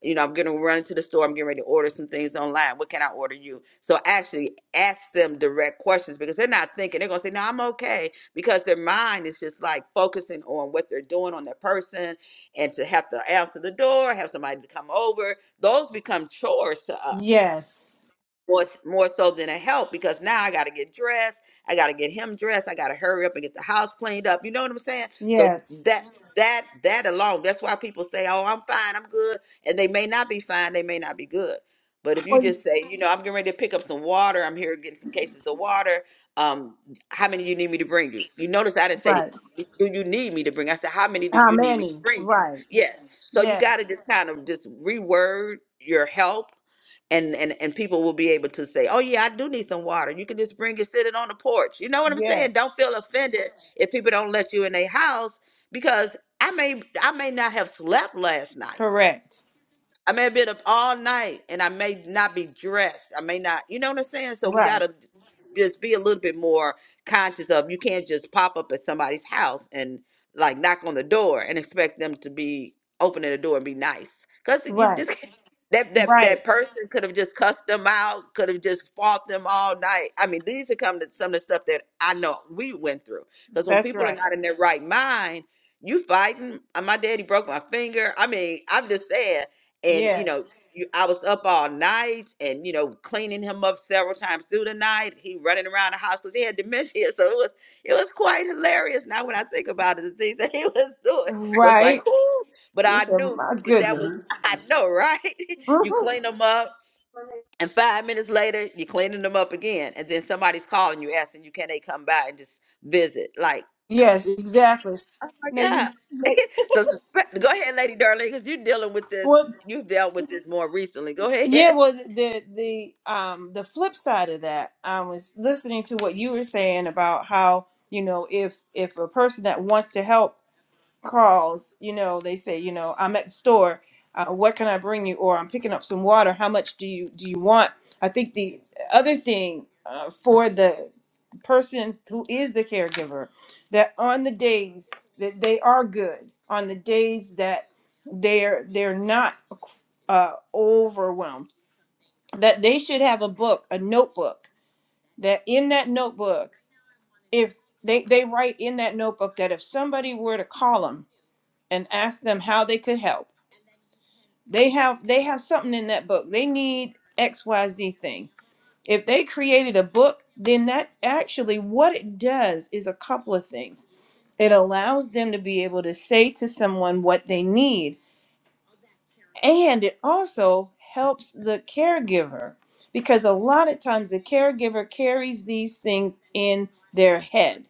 [SPEAKER 2] You know, I'm going to run to the store. I'm getting ready to order some things online. What can I order you? So actually ask them direct questions because they're not thinking. They're going to say, no, I'm okay. Because their mind is just like focusing on what they're doing on their person and to have to answer the door, have somebody to come over. Those become chores to us
[SPEAKER 1] Yes.
[SPEAKER 2] more more so than a help because now I got to get dressed, I got to get him dressed, I got to hurry up and get the house cleaned up. You know what I'm saying? So
[SPEAKER 1] Yes.
[SPEAKER 2] that Mhm. that that alone, that's why people say, "Oh, I'm fine, I'm good," and they may not be fine, they may not be good. But if you
[SPEAKER 1] Well,
[SPEAKER 2] just say, you know, I'm getting ready to pick up some water, I'm here getting some cases of water. Um, how many you need me to bring you? You notice I didn't say,
[SPEAKER 1] Right.
[SPEAKER 2] do you need me to bring? I said, how many do
[SPEAKER 1] How
[SPEAKER 2] you need me to
[SPEAKER 1] many?
[SPEAKER 2] bring you?
[SPEAKER 1] Right.
[SPEAKER 2] Yes. So you
[SPEAKER 1] Yes.
[SPEAKER 2] got to just kind of just reword your help and and and people will be able to say, "Oh yeah, I do need some water." You can just bring it, sit it on the porch. You know what I'm
[SPEAKER 1] Yes.
[SPEAKER 2] saying? Don't feel offended if people don't let you in their house because I may I may not have slept last night.
[SPEAKER 1] Correct.
[SPEAKER 2] I may have been up all night and I may not be dressed. I may not, you know what I'm saying? So we got
[SPEAKER 1] Right.
[SPEAKER 2] to just be a little bit more conscious of you can't just pop up at somebody's house and like knock on the door and expect them to be opening the door and be nice. Cuz you
[SPEAKER 1] Right.
[SPEAKER 2] just can't- that that that
[SPEAKER 1] Right.
[SPEAKER 2] person could have just cussed them out, could have just fought them all night. I mean, these are come to some of the stuff that I know we went through. Cuz when
[SPEAKER 1] That's
[SPEAKER 2] people are
[SPEAKER 1] right.
[SPEAKER 2] not in their right mind, you fighting. Uh, My daddy broke my finger. I mean, I'm just saying and you know
[SPEAKER 1] Yes.
[SPEAKER 2] you, i was up all night and you know cleaning him up several times through the night he running around the house because he had dementia [LAUGHS] so it was it was quite hilarious now when i think about it the things that he [LAUGHS] was doing was
[SPEAKER 1] Right.
[SPEAKER 2] like whoo but
[SPEAKER 1] You
[SPEAKER 2] i
[SPEAKER 1] said,
[SPEAKER 2] knew
[SPEAKER 1] my
[SPEAKER 2] but that was
[SPEAKER 1] goodness.
[SPEAKER 2] [LAUGHS] i know right [LAUGHS] you
[SPEAKER 1] Mhm. [LAUGHS]
[SPEAKER 2] clean them up and five minutes later you're cleaning them up again and then somebody's calling you asking you can they come by and just visit like
[SPEAKER 1] Yes, exactly.
[SPEAKER 2] oh my
[SPEAKER 1] Now
[SPEAKER 2] god
[SPEAKER 1] you Right.
[SPEAKER 2] [LAUGHS] so sp- go ahead lady darling because you're dealing with this you've dealt with this more recently go [LAUGHS]
[SPEAKER 1] Yeah,
[SPEAKER 2] ahead
[SPEAKER 1] well, the the um the flip side of that, I was listening to what you were saying about how you know if if a person that wants to help calls, you know, they say, you know, I'm at the store, uh, what can I bring you? Or I'm picking up some water. How much do you do you want? I think the other thing uh, for the person who is the caregiver that on the days that they are good, on the days that they're they're not uh, overwhelmed that they should have a book, a notebook, that in that notebook, if they, they write in that notebook that if somebody were to call them and ask them how they could help, they have they have something in that book. They need XYZ thing. If they created a book, then that actually what it does is a couple of things. It allows them to be able to say to someone what they need and it also helps the caregiver because a lot of times the caregiver carries these things in their head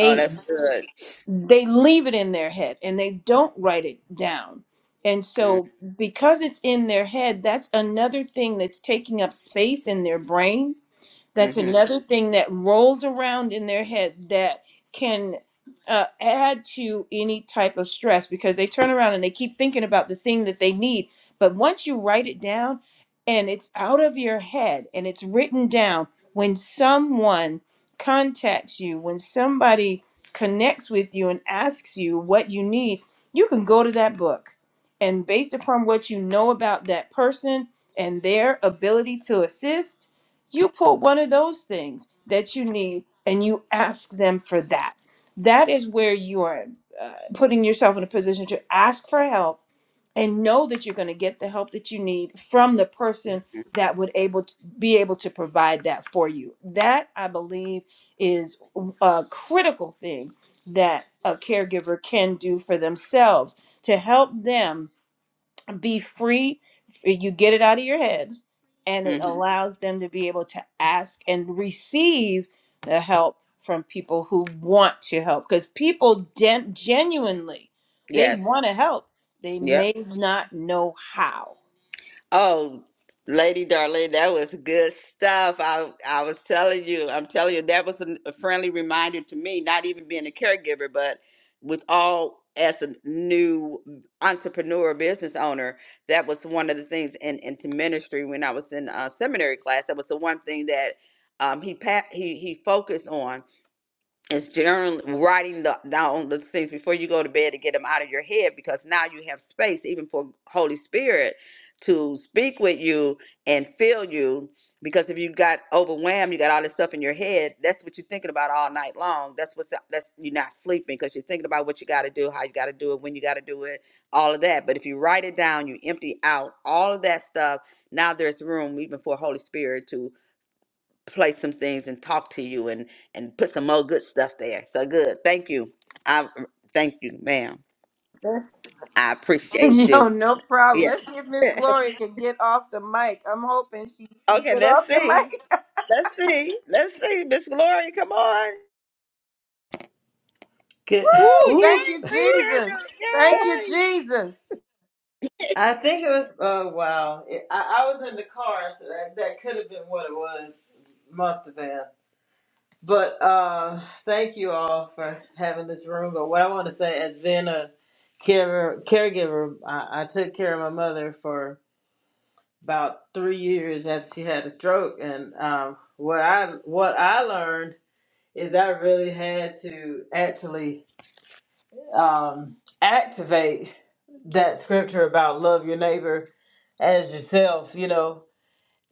[SPEAKER 2] Oh, that's good.
[SPEAKER 1] they leave it in their head and they don't write it down and so because it's in their head that's another thing that's taking up space in their brain that's
[SPEAKER 2] Mm-hmm.
[SPEAKER 1] another thing that rolls around in their head that can uh, add to any type of stress because they turn around and they keep thinking about the thing that they need. But once you write it down and it's out of your head and it's written down, when someone contacts you, when somebody connects with you and asks you what you need, you can go to that book. And based upon what you know about that person and their ability to assist, you put one of those things that you need and you ask them for that. That is where you are uh, putting yourself in a position to ask for help and know that you're going to get the help that you need from the person that would able to be able to provide that for you. That I believe is a critical thing that a caregiver can do for themselves to help them be free eh, you get it out of your head and it
[SPEAKER 2] hmm
[SPEAKER 1] allows them to be able to ask and receive the help from people who want to help because people gen- genuinely they
[SPEAKER 2] Yes.
[SPEAKER 1] want to help they
[SPEAKER 2] Yep.
[SPEAKER 1] may not know how
[SPEAKER 2] Oh, Lady Darlene, that was good stuff. I I was telling you, I'm telling you, that was a a friendly reminder to me, not even being a caregiver, but with all as a new entrepreneur business owner, that was one of the things in into ministry when I was in uh, seminary class. That was the one thing that um, he pa- he he focused on It's generally writing the, down the things before you go to bed to get them out of your head because now you have space even for Holy Spirit to speak with you and fill you because if you got overwhelmed you got all this stuff in your head that's what you're thinking about all night long that's what's that's you're not sleeping because you're thinking about what you got to do how you got to do it when you got to do it all of that but if you write it down you empty out all of that stuff now there's room even for Holy Spirit to play some things and talk to you and and put some more good stuff there. So good. Thank you. I thank you, ma'am.
[SPEAKER 1] Yes.
[SPEAKER 2] I
[SPEAKER 1] [LAUGHS]
[SPEAKER 2] appreciate
[SPEAKER 1] yo
[SPEAKER 2] you.
[SPEAKER 1] no problem
[SPEAKER 2] Yes.
[SPEAKER 1] let's see if
[SPEAKER 2] [LAUGHS]
[SPEAKER 1] miss gloria can get off the mic i'm hoping she can
[SPEAKER 2] okay,
[SPEAKER 1] get
[SPEAKER 2] let's
[SPEAKER 1] off the
[SPEAKER 2] see.
[SPEAKER 1] mic
[SPEAKER 2] Let's see. Let's see. Miss Glory, come on.
[SPEAKER 3] Good.
[SPEAKER 2] Woo,
[SPEAKER 3] [SIGHS]
[SPEAKER 1] Woo!
[SPEAKER 2] yes,
[SPEAKER 3] Woo.
[SPEAKER 1] thank you
[SPEAKER 2] we hear
[SPEAKER 1] jesus thank you
[SPEAKER 2] you.
[SPEAKER 1] jesus
[SPEAKER 3] I think it was. Oh wow! It, I, I was in the car, so that, that could have been what it was. Must have been. But uh, thank you all for having this room. But what I want to say, as being a care, caregiver, I, I took care of my mother for about three years after she had a stroke, and um, what I what I learned is I really had to actually um, activate that scripture about love your neighbor as yourself. You know,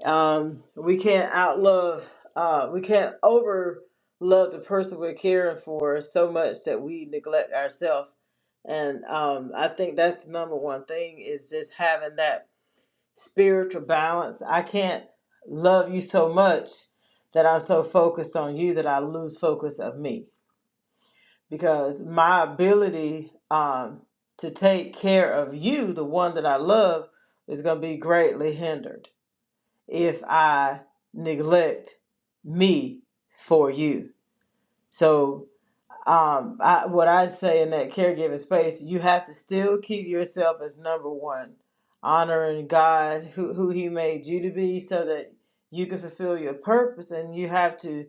[SPEAKER 3] um, we can't outlove, uh, we can't over love the person we're caring for so much that we neglect ourselves. And um, I think that's the number one thing is just having that spiritual balance. I can't love you so much that I'm so focused on you that I lose focus of me because my ability um, to take care of you, the one that I love, is going to be greatly hindered if I neglect me for you. So um, I, what I say in that caregiving space, you have to still keep yourself as number one, honoring God, who, who He made you to be, so that you can fulfill your purpose. And you have to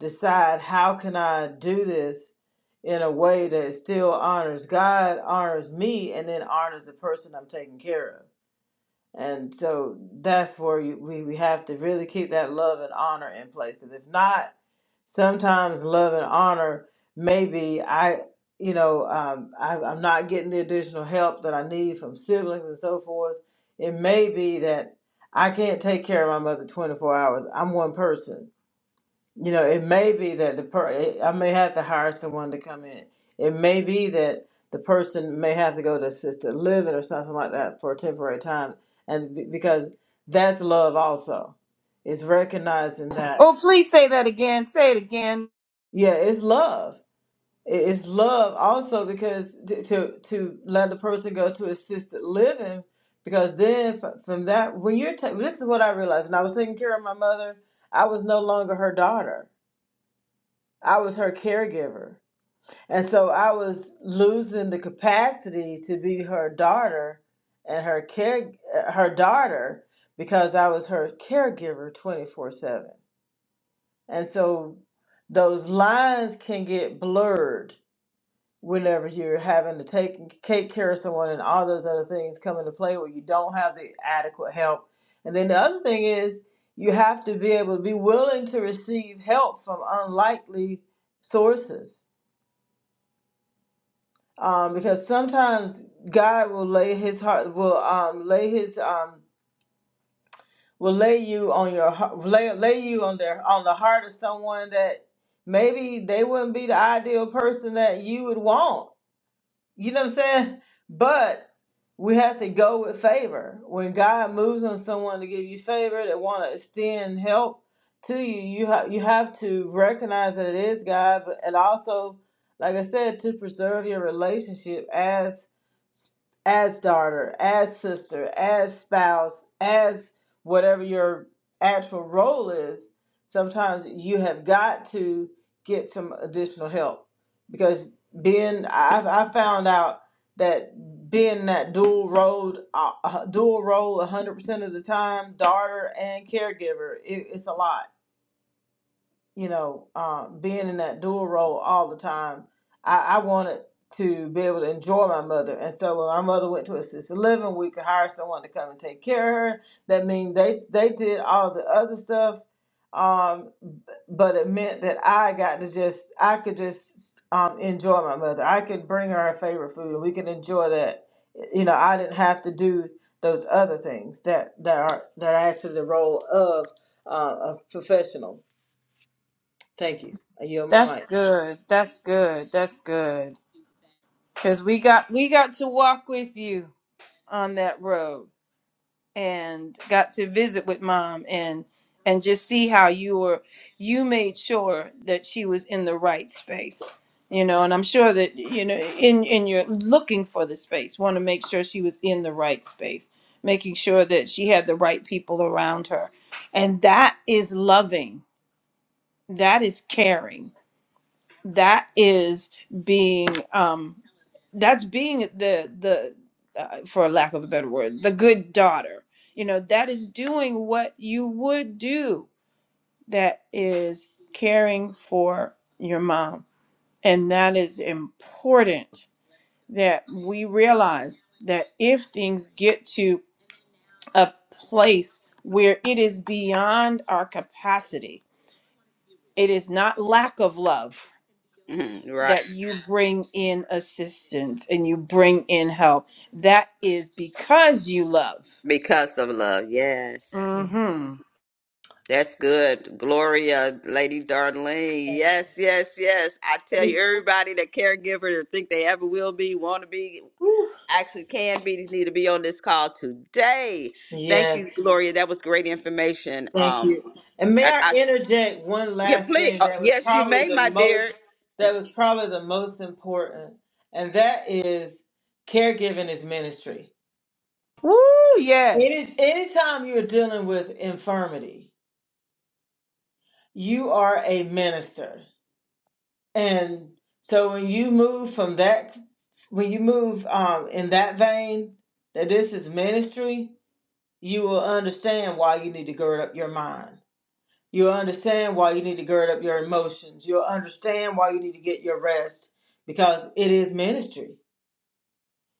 [SPEAKER 3] decide how can I do this in a way that still honors God, honors me, and then honors the person I'm taking care of. And so that's where you, we, we have to really keep that love and honor in place. Because if not, sometimes love and honor maybe I, you know, um, I, I'm not getting the additional help that I need from siblings and so forth. It may be that I can't take care of my mother 24 hours. I'm one person you know, it may be that the per eh, I may have to hire someone to come in. It may be that the person may have to go to assisted living or something like that for a temporary time, and be- because that's love also. It's recognizing that,
[SPEAKER 1] oh please say that again say it again
[SPEAKER 3] yeah, it's love. It- It's love also because to to, to let the person go to assisted living because then f- from that when you're ta this is what I realized when I was taking care of my mother, I was no longer her daughter. I was her caregiver And so I was losing the capacity to be her daughter and her care uh, her daughter because I was her caregiver 24/7. And so those lines can get blurred whenever you're having to take take care of someone and all those other things come into play where you don't have the adequate help. And then the other thing is you have to be able to be willing to receive help from unlikely sources um, because sometimes God will lay His heart will um, lay His um, will lay you on your heart lay lay you on their on the heart of someone that maybe they wouldn't be the ideal person that you would want you know what I'm saying? But we have to go with favor. When God moves on someone to give you favor, that want to extend help to you, you ha- you have to recognize that it is God, but, and also, like I said, to preserve your relationship as as daughter, as sister, as spouse, as whatever your actual role is. Sometimes you have got to get some additional help because being I I found out that being that dual role uh, uh, dual role 100% of the time daughter and caregiver it, it's a lot you know, uh, being in that dual role all the time, I, I wanted to be able to enjoy my mother. And so when my mother went to assisted living, we could hire someone to come and take care of her. That means they they did all the other stuff, um, b- but it meant that I got to just I could just um, enjoy my mother. I could bring her her favorite food, and we could enjoy that. You know, I didn't have to do those other things that that are that are actually the role of uh, a professional. Thank you. I yield my
[SPEAKER 1] That's
[SPEAKER 3] mic.
[SPEAKER 1] good. That's good. That's good. Cause we got we got to walk with you on that road and got to visit with mom and and just see how you were you made sure that she was in the right space. You know, and I'm sure that you know in in your looking for the space, want to make sure she was in the right space, making sure that she had the right people around her. And that is loving. That is caring that is being um that's being the the uh, for lack of a better word the good daughter you know that is doing what you would do that is caring for your mom and that is important that we realize that if things get to a place where it is beyond our capacity it is not lack of love
[SPEAKER 2] Yay. Mhm, right.
[SPEAKER 1] that you bring in assistance and you bring in help. That is because you love.
[SPEAKER 2] Because of love. Yes.
[SPEAKER 3] Mm.
[SPEAKER 1] Mm-hmm.
[SPEAKER 2] That's good. Gloria, Lady Darlene. Yes, yes, yes. I tell
[SPEAKER 3] Thank
[SPEAKER 2] you, everybody that caregiver that think they ever will be, want to be,
[SPEAKER 3] you.
[SPEAKER 2] actually can be need to be on this call today. Thank you,
[SPEAKER 3] Yes.
[SPEAKER 2] Gloria. That was great information.
[SPEAKER 3] Thank
[SPEAKER 2] Um,
[SPEAKER 3] you. And may
[SPEAKER 2] I,
[SPEAKER 3] I
[SPEAKER 2] I
[SPEAKER 3] interject one
[SPEAKER 2] yeah,
[SPEAKER 3] last
[SPEAKER 2] please.
[SPEAKER 3] thing
[SPEAKER 2] Uh,
[SPEAKER 3] that was
[SPEAKER 2] yes, you
[SPEAKER 3] probably
[SPEAKER 2] may,
[SPEAKER 3] the
[SPEAKER 2] my
[SPEAKER 3] most
[SPEAKER 2] dear.
[SPEAKER 3] that was probably the most important, and that is caregiving is ministry.
[SPEAKER 1] Woo,
[SPEAKER 3] Any
[SPEAKER 1] yes.
[SPEAKER 3] anytime you're dealing with infirmity, you are a minister. And so when you move from that when you move um in that vein that this is ministry, you will understand why you need to gird up your mind. You'll understand why you need to gird up your emotions. You'll understand why you need to get your rest because it is ministry.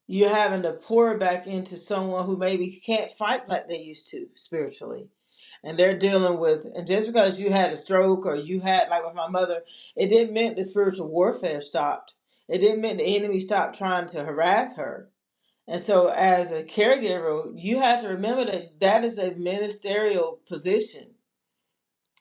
[SPEAKER 3] You're having to pour back into someone who maybe can't fight like they used to spiritually. And they're dealing with, and just because you had a stroke or you had, like with my mother, it didn't mean the spiritual warfare stopped. It didn't mean the enemy stopped trying to harass her and so, as a caregiver, you have to remember that that is a ministerial position.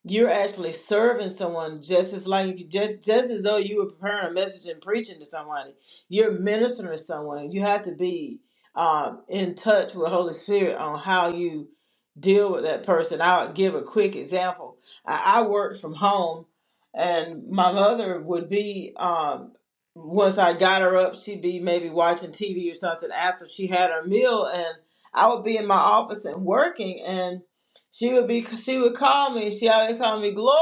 [SPEAKER 3] You're actually serving someone just as like just just as though you were preparing a message and preaching to somebody. You're ministering to someone. You have to be um, in touch with Holy Spirit on how you deal with that person. I'll give a quick example. I, I worked from home, and my mother would be um, once I got her up, she'd be maybe watching TV or something after she had her meal, and I would be in my office and working and she would be, she would call me. She always called me Gloria.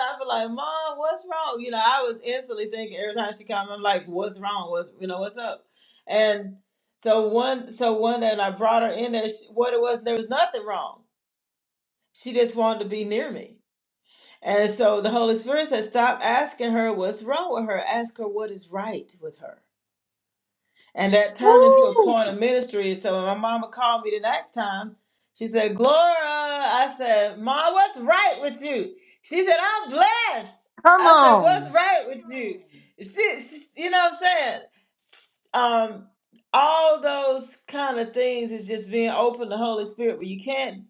[SPEAKER 3] I'd be like, Mom, what's wrong? You know, I was instantly thinking every time she called me, I'm like, what's wrong? What's, you know, what's up? And so one, so one day, and I brought her in there. She, what it was, there was nothing wrong. She just wanted to be near me. And so the Holy Spirit said, stop asking her what's wrong with her. Ask her what is right with her. And that turned into a point of ministry. So when my mama called me the next time, she said, Gloria, I said, Ma, what's right with you? She said, I'm blessed.
[SPEAKER 1] Come
[SPEAKER 3] I said, What's
[SPEAKER 1] on.
[SPEAKER 3] right with you? She, she- you know what I'm saying? Um, all those kind of things is just being open to the Holy Spirit, but you can't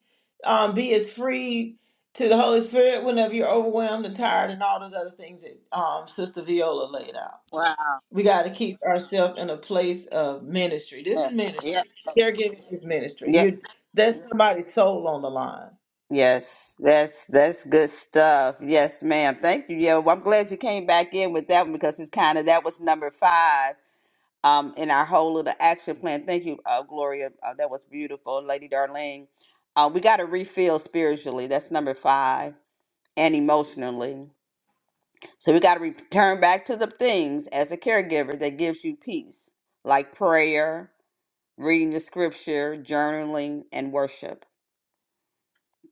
[SPEAKER 3] um, be as free to the Holy Spirit whenever you're overwhelmed and tired and all those other things that um, Sister Viola laid out.
[SPEAKER 2] Wow.
[SPEAKER 3] We got to keep ourselves in a place of ministry. This
[SPEAKER 2] Yeah.
[SPEAKER 3] is
[SPEAKER 2] Yep.
[SPEAKER 3] ministry. Caregiving is ministry.
[SPEAKER 2] Yep.
[SPEAKER 3] You there's somebody's soul on the line.
[SPEAKER 2] Yes, that's that's good stuff. Yes, ma'am. Thank you. Yeah, well, I'm glad you came back in with that one because it's kind of that was number five um in our whole little action plan. Thank you, uh, Gloria. Uh, that was beautiful, Lady Darlene. Uh, we got to refill spiritually. That's number five, and emotionally. So we got to return back to the things as a caregiver that gives you peace, like prayer, reading the scripture, journaling, and worship.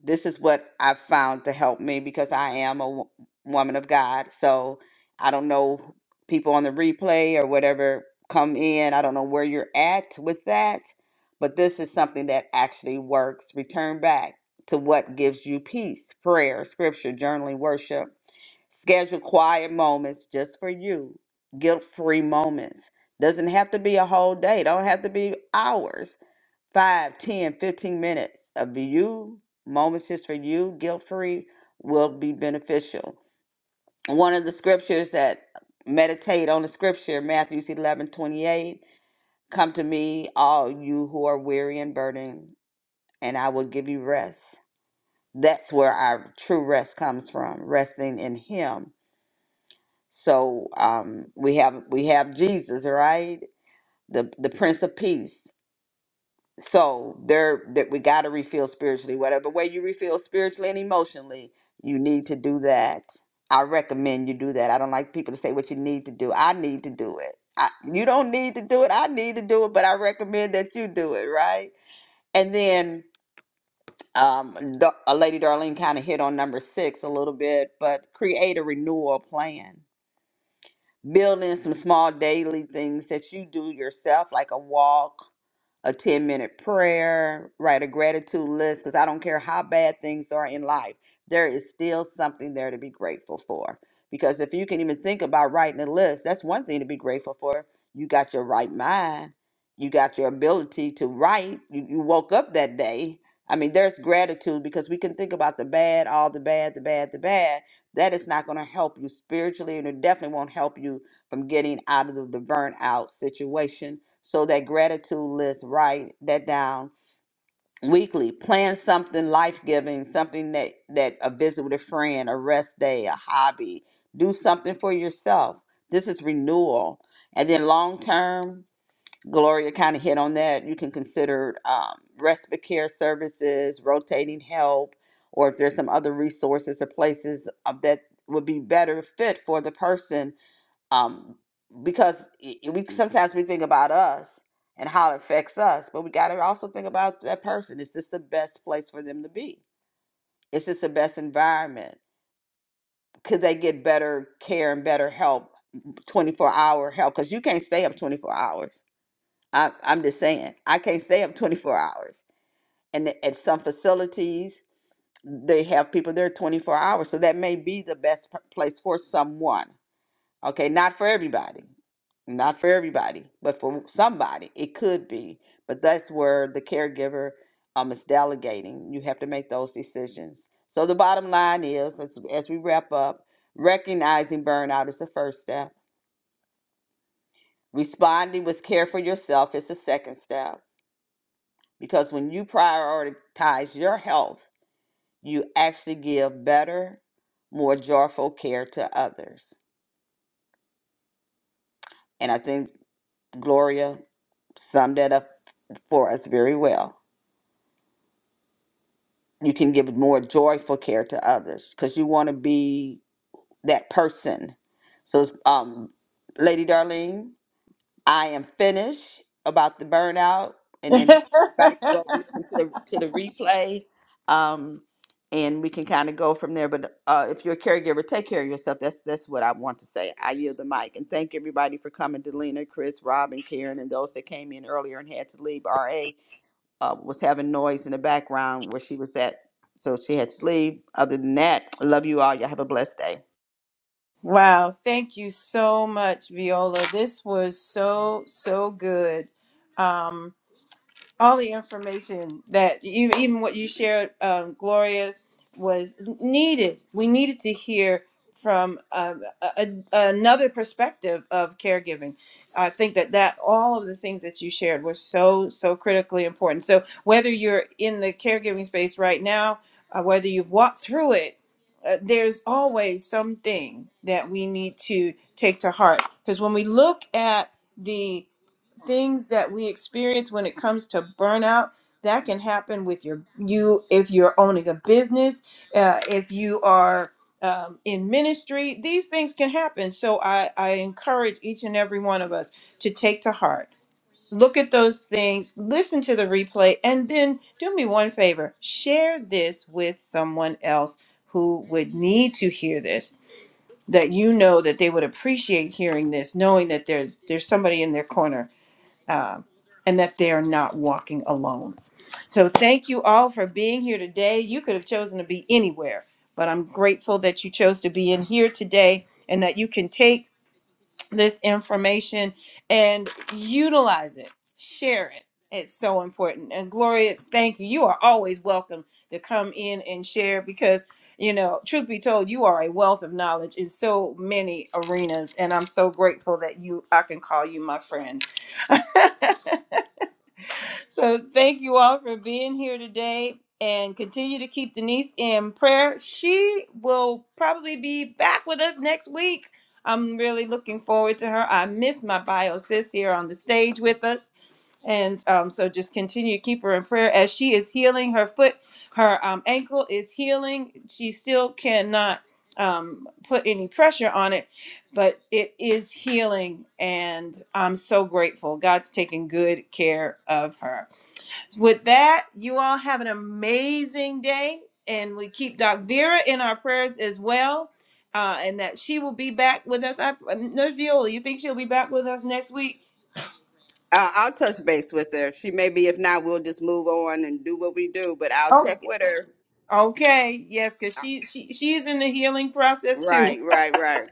[SPEAKER 2] This is what I've found to help me because I am a wo- woman of God. So I don't know people on the replay or whatever come in. I don't know where you're at with that, but this is something that actually works. Return back to what gives you peace prayer, scripture, journaling, worship Schedule quiet moments just for you, guilt free moments. Doesn't have to be a whole day, don't have to be hours. Five, ten, fifteen minutes of you, moments just for you, guilt free, will be beneficial. One of the scriptures that meditate on the scripture, Matthew 11 28, come to me, all you who are weary and burdened, and I will give you rest. That's where our true rest comes from, resting in Him So um, we have we have Jesus, right? The the Prince of Peace. So there that we got to refill spiritually. Whatever way you refill spiritually and emotionally, you need to do that. I recommend you do that. I don't like people to say what you need to do. I need to do it. I, you don't need to do it. I need to do it, but I recommend that you do it, right? And then um, Da- uh, Lady Darlene kind of hit on number six a little bit, but create a renewal plan building some small daily things that you do yourself, like a walk a 10 minute prayer, write a gratitude list, because I don't care how bad things are in life, there is still something there to be grateful for. Because if you can even think about writing a list, that's one thing to be grateful for. You got your right mind, you got your ability to write, you, you woke up that day. I mean, there's gratitude because we can think about the bad, all the bad, the bad, the bad. That is not going to help you spiritually, and it definitely won't help you from getting out of the, the burnout situation so that gratitude list, write that down weekly. Plan something life giving, something that that a visit with a friend, a rest day, a hobby. Do something for yourself. This is renewal, and then long term. Gloria kind of hit on that. You can consider um, respite care services, rotating help, or if there's some other resources or places of that would be better fit for the person um, because i- i- we sometimes we think about us and how it affects us, but we got to also think about that person. Is this the best place for them to be? Is this the best environment? Could they get better care and better help, twenty four hour help? Because you can't stay up twenty four hours. I, I'm just saying, I can't stay up twenty four hours. And at some facilities, they have people there twenty four hours, so that may be the best p- place for someone. Okay, not for everybody not for everybody, but for somebody, it could be. But that's where the caregiver um, is delegating. You have to make those decisions. So the bottom line is, as, as we wrap up, recognizing burnout is the first step. Responding with care for yourself is the second step. Because when you prioritize your health, you actually give better, more joyful care to others. And I think Gloria summed that up for us very well. you can give more joyful care to others because you want to be that person. So, um, Lady Darlene, I am finished about the burnout, and then everybody can
[SPEAKER 1] [LAUGHS]
[SPEAKER 2] go listen to the to the replay, um, and we can kind of go from there. But uh, if you're a caregiver, take care of yourself. That's that's what I want to say. I yield the mic and thank everybody for coming. Delina, Chris, Robin, Karen, and those that came in earlier and had to leave. Ra uh, was having noise in the background where she was at. So she had to leave. Other than that, I love you all. Y'all have a blessed day.
[SPEAKER 1] wow. Thank you so much, Viola. This was so, so good. Um, all the information that you, even what you shared, um, Gloria, was needed. We needed to hear from um, a, a- another perspective of caregiving. I think that that all of the things that you shared were so so critically important. So whether you're in the caregiving space right now, uh, whether you've walked through it. Uh, there's always something that we need to take to heart because when we look at things that we experience when it comes to burnout that can happen with your you if you're owning a business uh, if you are um, in ministry these things can happen so I, I encourage each and every one of us to take to heart look at those things listen to the replay and then do me one favor share this with someone else who would need to hear this that you know that they would appreciate hearing this knowing that there's there's somebody in their corner uh, and that they are not walking alone. So, thank you all for being here today. You could have chosen to be anywhere, but I'm grateful that you chose to be in here today and that you can take this information and utilize it, share it. It's so important. And Gloria, thank you. You are always welcome to come in and share because, you know, truth be told, you are a wealth of knowledge in so many arenas. And I'm so grateful that you, I can call you my friend. [LAUGHS] So thank you all for being here today and continue to keep Denise in prayer. She will probably be back with us next week. I'm really looking forward to her. I miss my bio sis here on the stage with us. And um, so just continue to keep her in prayer as she is healing. Her foot, her um, ankle is healing. She still cannot um, put any pressure on it, but it is healing. And I'm so grateful. God's taking good care of her. With that, you all have an amazing day, and we keep Doc Vera in our prayers as well, uh, and that she will be back with us. I, um, Nurse Viola, you think she'll be back with us next week?
[SPEAKER 2] Uh, I'll touch base with her. She may be, if not, we'll just move on and do what we do, but I'll
[SPEAKER 1] Oh,
[SPEAKER 2] check with her.
[SPEAKER 1] okay, yes, because
[SPEAKER 2] Uh,
[SPEAKER 1] she she she's in the healing process too.
[SPEAKER 2] Right, right, right.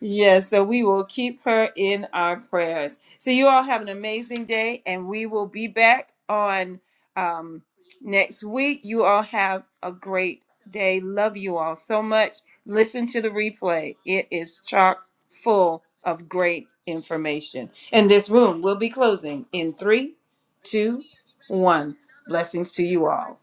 [SPEAKER 1] Yes, so we will keep her in our prayers. So you all have an amazing day, and we will be back on um, next week. You all have a great day. Love you all so much. Listen to the replay, it is chock full of great information. And this room will be closing in three, two, one. Blessings to you all.